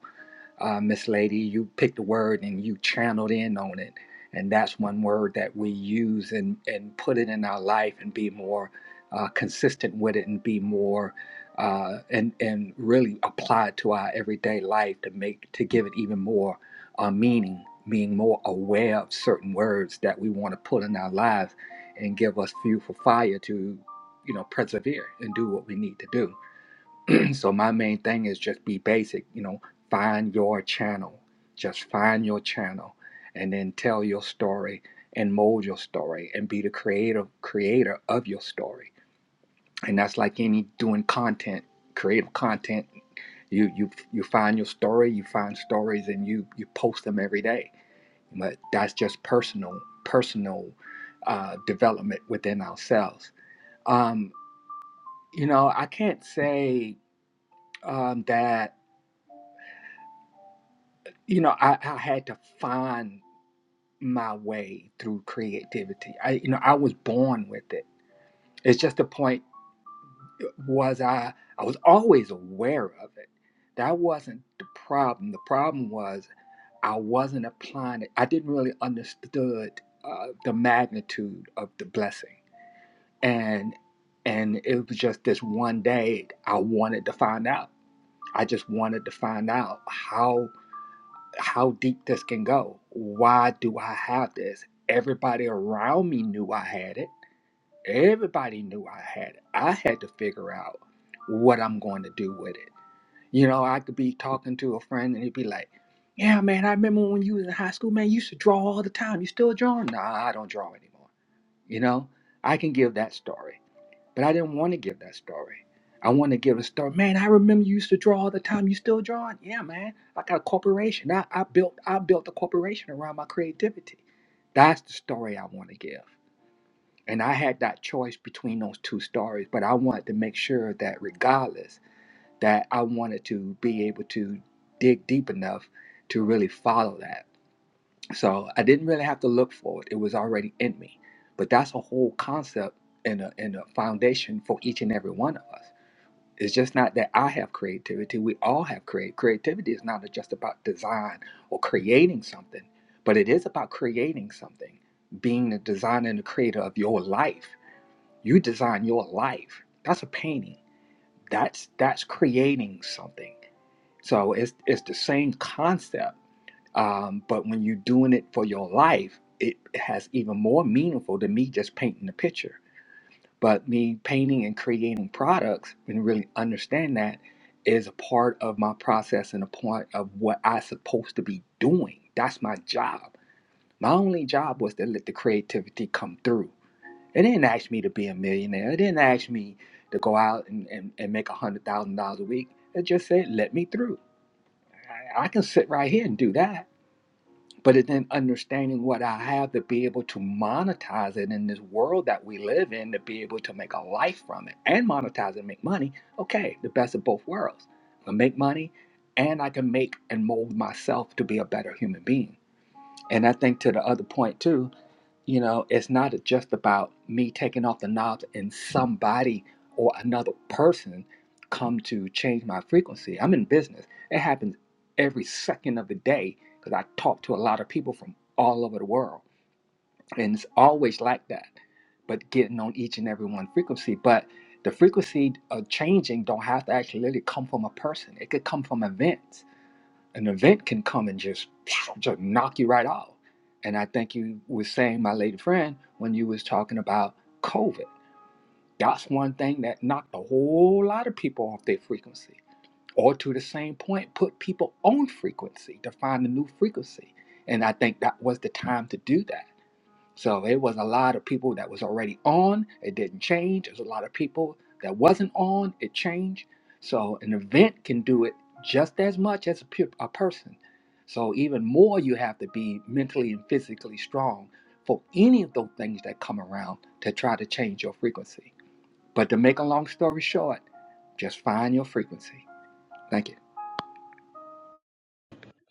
S4: uh, Miss Lady. You picked a word and you channeled in on it. And that's one word that we use and, and put it in our life and be more uh, consistent with it and be more uh, and and really apply it to our everyday life to make to give it even more uh, meaning, being more aware of certain words that we want to put in our lives and give us fuel for fire to you know persevere and do what we need to do <clears throat> so my main thing is just be basic you know find your channel just find your channel and then tell your story and mold your story and be the creative creator of your story and that's like any doing content creative content you you you find your story you find stories and you you post them every day but that's just personal personal uh, development within ourselves um you know i can't say um that you know I, I had to find my way through creativity i you know i was born with it it's just the point was i i was always aware of it that wasn't the problem the problem was i wasn't applying it i didn't really understood uh, the magnitude of the blessing and and it was just this one day i wanted to find out i just wanted to find out how. how deep this can go. Why do I have this? Everybody around me knew I had it. Everybody knew I had it. I had to figure out what I'm going to do with it. You know, I could be talking to a friend and he'd be like, Yeah, man, I remember when you was in high school, man, you used to draw all the time. You still drawing? Nah, I don't draw anymore. You know, I can give that story. But I didn't want to give that story. I want to give a story. Man, I remember you used to draw all the time. You still drawing? Yeah, man. I got a corporation. I, I built I built a corporation around my creativity. That's the story I want to give. And I had that choice between those two stories, but I wanted to make sure that regardless, that I wanted to be able to dig deep enough to really follow that. So I didn't really have to look for it. It was already in me. But that's a whole concept and a, and a foundation for each and every one of us. It's just not that I have creativity. We all have create. Creativity is not just about design or creating something, but it is about creating something, being the designer and the creator of your life. You design your life. That's a painting. That's that's creating something. So it's it's the same concept um, but when you're doing it for your life, it has even more meaningful than me just painting the picture. But me painting and creating products and really understand that is a part of my process and a part of what I'm supposed to be doing. That's my job. My only job was to let the creativity come through. It didn't ask me to be a millionaire. It didn't ask me to go out and, and, and make $100,000 a week. It just said, let me through. I, I can sit right here and do that but it's in understanding what I have to be able to monetize it in this world that we live in to be able to make a life from it and monetize it and make money. Okay, the best of both worlds. I can make money and I can make and mold myself to be a better human being. And I think to the other point too, you know, it's not just about me taking off the knobs and somebody or another person come to change my frequency. I'm in business. It happens every second of the day because I talk to a lot of people from all over the world. And it's always like that, but getting on each and every one frequency. But the frequency of changing don't have to actually really come from a person. It could come from events an event can come and just just knock you right off. And I think you were saying, my lady friend, when you was talking about COVID, that's one thing that knocked a whole lot of people off their frequency, or to the same point, put people on frequency to find a new frequency. And I think that was the time to do that. So it was a lot of people that was already on, it didn't change. There's a lot of people that wasn't on, it changed. So an event can do it just as much as a, pe- a person. So even more, you have to be mentally and physically strong for any of those things that come around to try to change your frequency. But to make a long story short, just find your frequency. Thank you.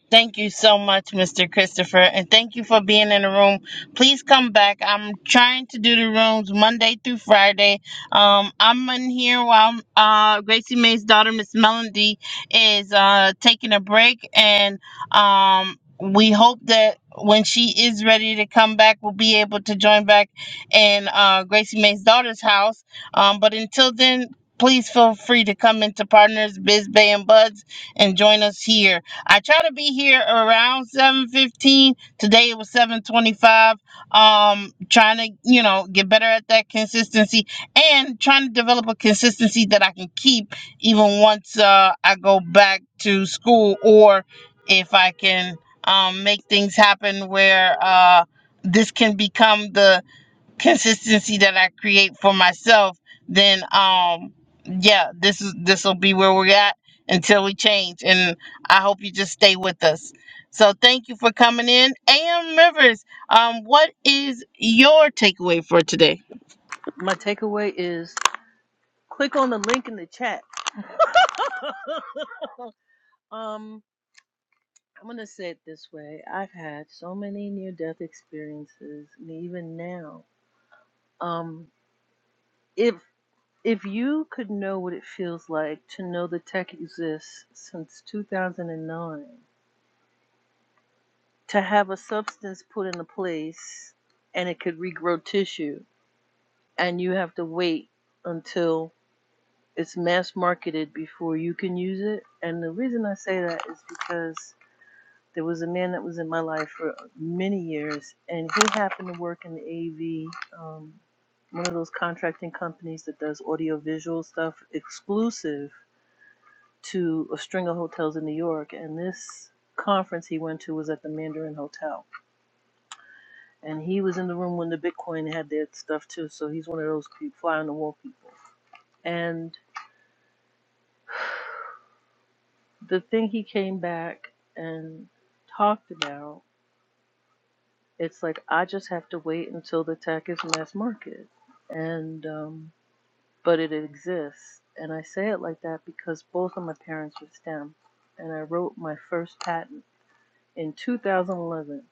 S1: Thank you so much, Mr. Christopher, and thank you for being in the room. Please come back. I'm trying to do the rooms Monday through Friday. Um, I'm in here while uh, Gracie May's daughter, Miss Melody, is uh, taking a break, and um, we hope that when she is ready to come back, we'll be able to join back in uh, Gracie May's daughter's house. Um, but until then, please feel free to come into Partners Biz Bay and Buds and join us here. I try to be here around 7:15. Today it was 7:25. Um trying to, you know, get better at that consistency and trying to develop a consistency that I can keep even once uh I go back to school or if I can um make things happen where uh this can become the consistency that I create for myself, then um yeah, this is this will be where we're at until we change. And I hope you just stay with us. So thank you for coming in. AM Rivers, um, what is your takeaway for today?
S5: my takeaway is click on the link in the chat. <laughs> um, I'm gonna say it this way. I've had so many near-death experiences, and even now, um, if If you could know what it feels like to know the tech exists since 2009, to have a substance put in a place and it could regrow tissue, and you have to wait until it's mass marketed before you can use it. And the reason I say that is because there was a man that was in my life for many years, and he happened to work in the AV, um, one of those contracting companies that does audiovisual stuff exclusive to a string of hotels in New York, and this conference he went to was at the Mandarin Hotel, and he was in the room when the Bitcoin had their stuff too. So he's one of those pe- fly on the wall people. And the thing he came back and talked about, it's like I just have to wait until the tech is mass market, and um, but it exists. And I say it like that because both of my parents were STEM, and I wrote my first patent in 2011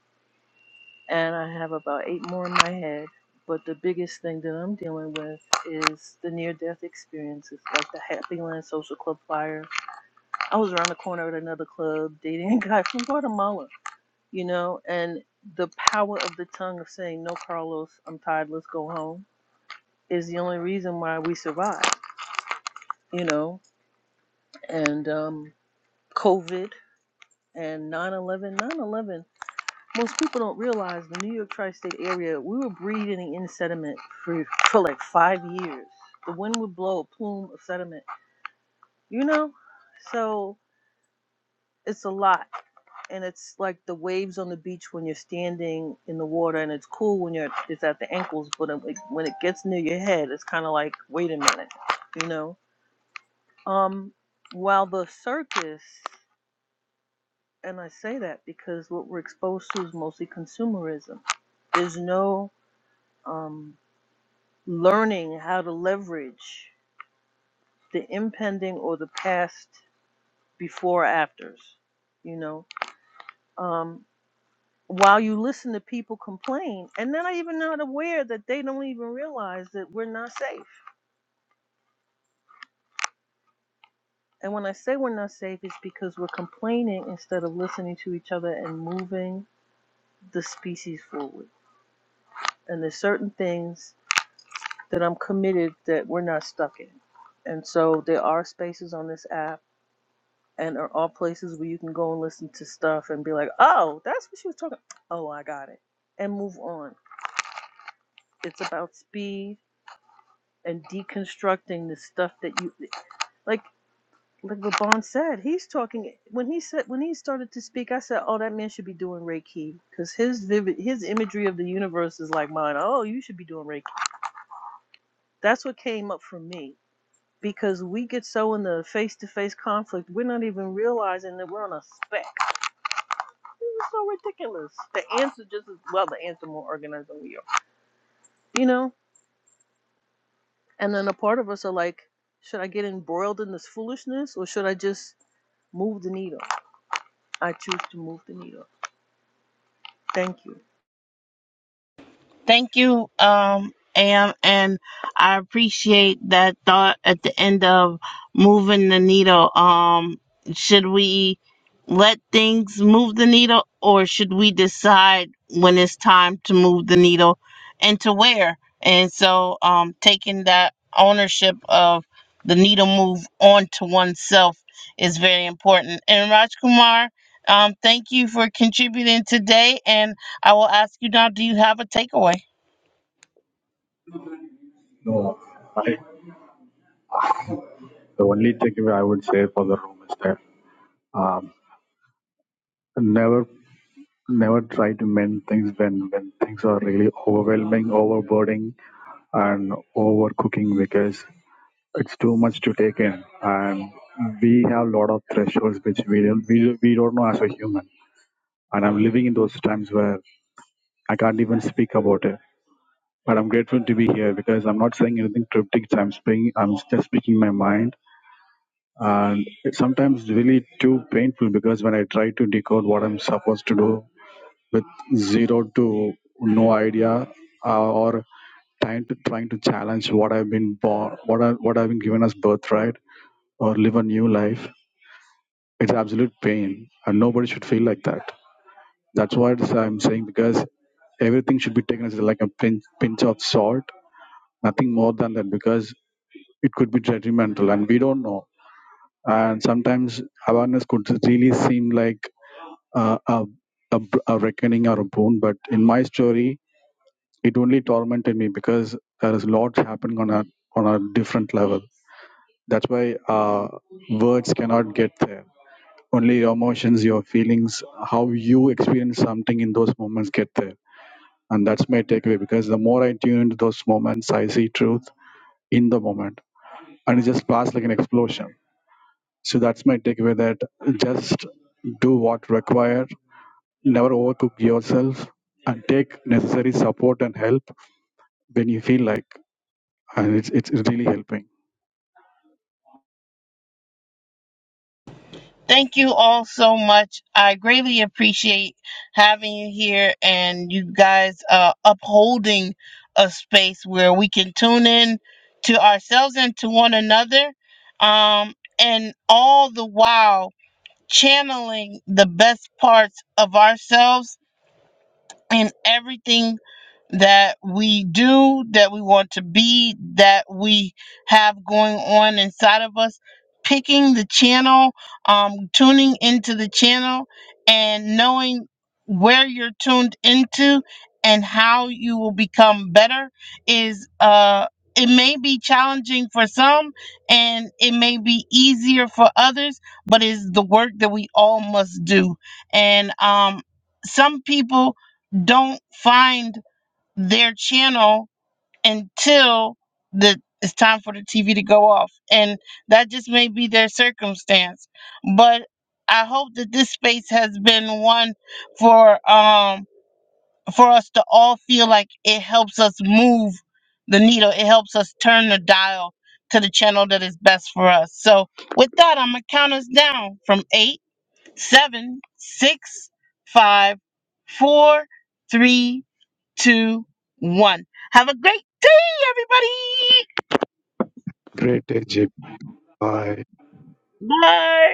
S5: and I have about eight more in my head. But the biggest thing that I'm dealing with is the near death experiences, like the Happyland Social Club fire. I was around the corner at another club <laughs> dating a guy from Guatemala, you know, and the power of the tongue of saying, No, Carlos, I'm tired, let's go home, is the only reason why we survived, you know, and um, COVID and 9 11. nine eleven most people don't realize the New York tri-state area, we were breathing in sediment for, for like five years. The wind would blow a plume of sediment, you know? So it's a lot. And it's like the waves on the beach when you're standing in the water and it's cool when you're it's at the ankles, but it- like, when it gets near your head, it's kind of like, wait a minute, you know? Um, while the circus, and I say that because what we're exposed to is mostly consumerism. There's no um, learning how to leverage the impending or the past before afters you know um, while you listen to people complain and then i even not aware that they don't even realize that we're not safe and when i say we're not safe it's because we're complaining instead of listening to each other and moving the species forward and there's certain things that i'm committed that we're not stuck in and so there are spaces on this app and are all places where you can go and listen to stuff and be like, oh, that's what she was talking. about. Oh, I got it, and move on. It's about speed and deconstructing the stuff that you like. Like Vaughn said, he's talking when he said when he started to speak. I said, "Oh, that man should be doing Reiki because his vivid his imagery of the universe is like mine. Oh, you should be doing Reiki." That's what came up for me because we get so in the face to face conflict, we're not even realizing that we're on a spec This is so ridiculous. The ants are just as well, the ants are more organized than we are. You know? And then a part of us are like, should I get embroiled in this foolishness or should I just move the needle? I choose to move the needle. Thank you.
S1: Thank you, um, Am, and I appreciate that thought at the end of moving the needle. Um, should we let things move the needle, or should we decide when it's time to move the needle and to where? And so, um, taking that ownership of the needle move onto oneself is very important. And Raj Kumar, um, thank you for contributing today, and I will ask you now, do you have a takeaway?
S6: No, I, the only takeaway I would say for the room is that um, never never try to mend things when when things are really overwhelming, overburdening, and overcooking because it's too much to take in and we have a lot of thresholds which we don't we, we don't know as a human and i'm living in those times where i can't even speak about it But I'm grateful to be here because I'm not saying anything cryptic. I'm speaking. I'm just speaking my mind, and it's sometimes really too painful because when I try to decode what I'm supposed to do with zero to no idea uh, or trying to trying to challenge what I've been born, what I what I've been given as birthright, or live a new life. It's absolute pain, and nobody should feel like that. That's what I'm saying because everything should be taken as like a pinch pinch of salt, nothing more than that. Because it could be detrimental and we don't know and sometimes awareness could really seem like uh, a, a, a reckoning or a boon but in my story it only tormented me because there is lots happening on a on a different level that's why uh, words cannot get there only your emotions your feelings how you experience something in those moments get there and that's my takeaway because the more i tune into those moments i see truth in the moment and it just passed like an explosion So that's my takeaway that just do what required, never overcook yourself, and take necessary support and help when you feel like. And it's, it's really helping.
S1: Thank you all so much. I greatly appreciate having you here and you guys uh, upholding a space where we can tune in to ourselves and to one another. Um, and all the while channeling the best parts of ourselves in everything that we do, that we want to be, that we have going on inside of us, picking the channel, um, tuning into the channel, and knowing where you're tuned into and how you will become better is uh it may be challenging for some and it may be easier for others but is the work that we all must do and um some people don't find their channel until the it's time for the TV to go off. And that just may be their circumstance. But I hope that this space has been one for um for us to all feel like it helps us move the needle. It helps us turn the dial to the channel that is best for us. So with that, I'm gonna count us down from eight, seven, six, five, four, three, two, one. Have a great day, everybody.
S6: Great, AJ. Bye.
S1: Bye.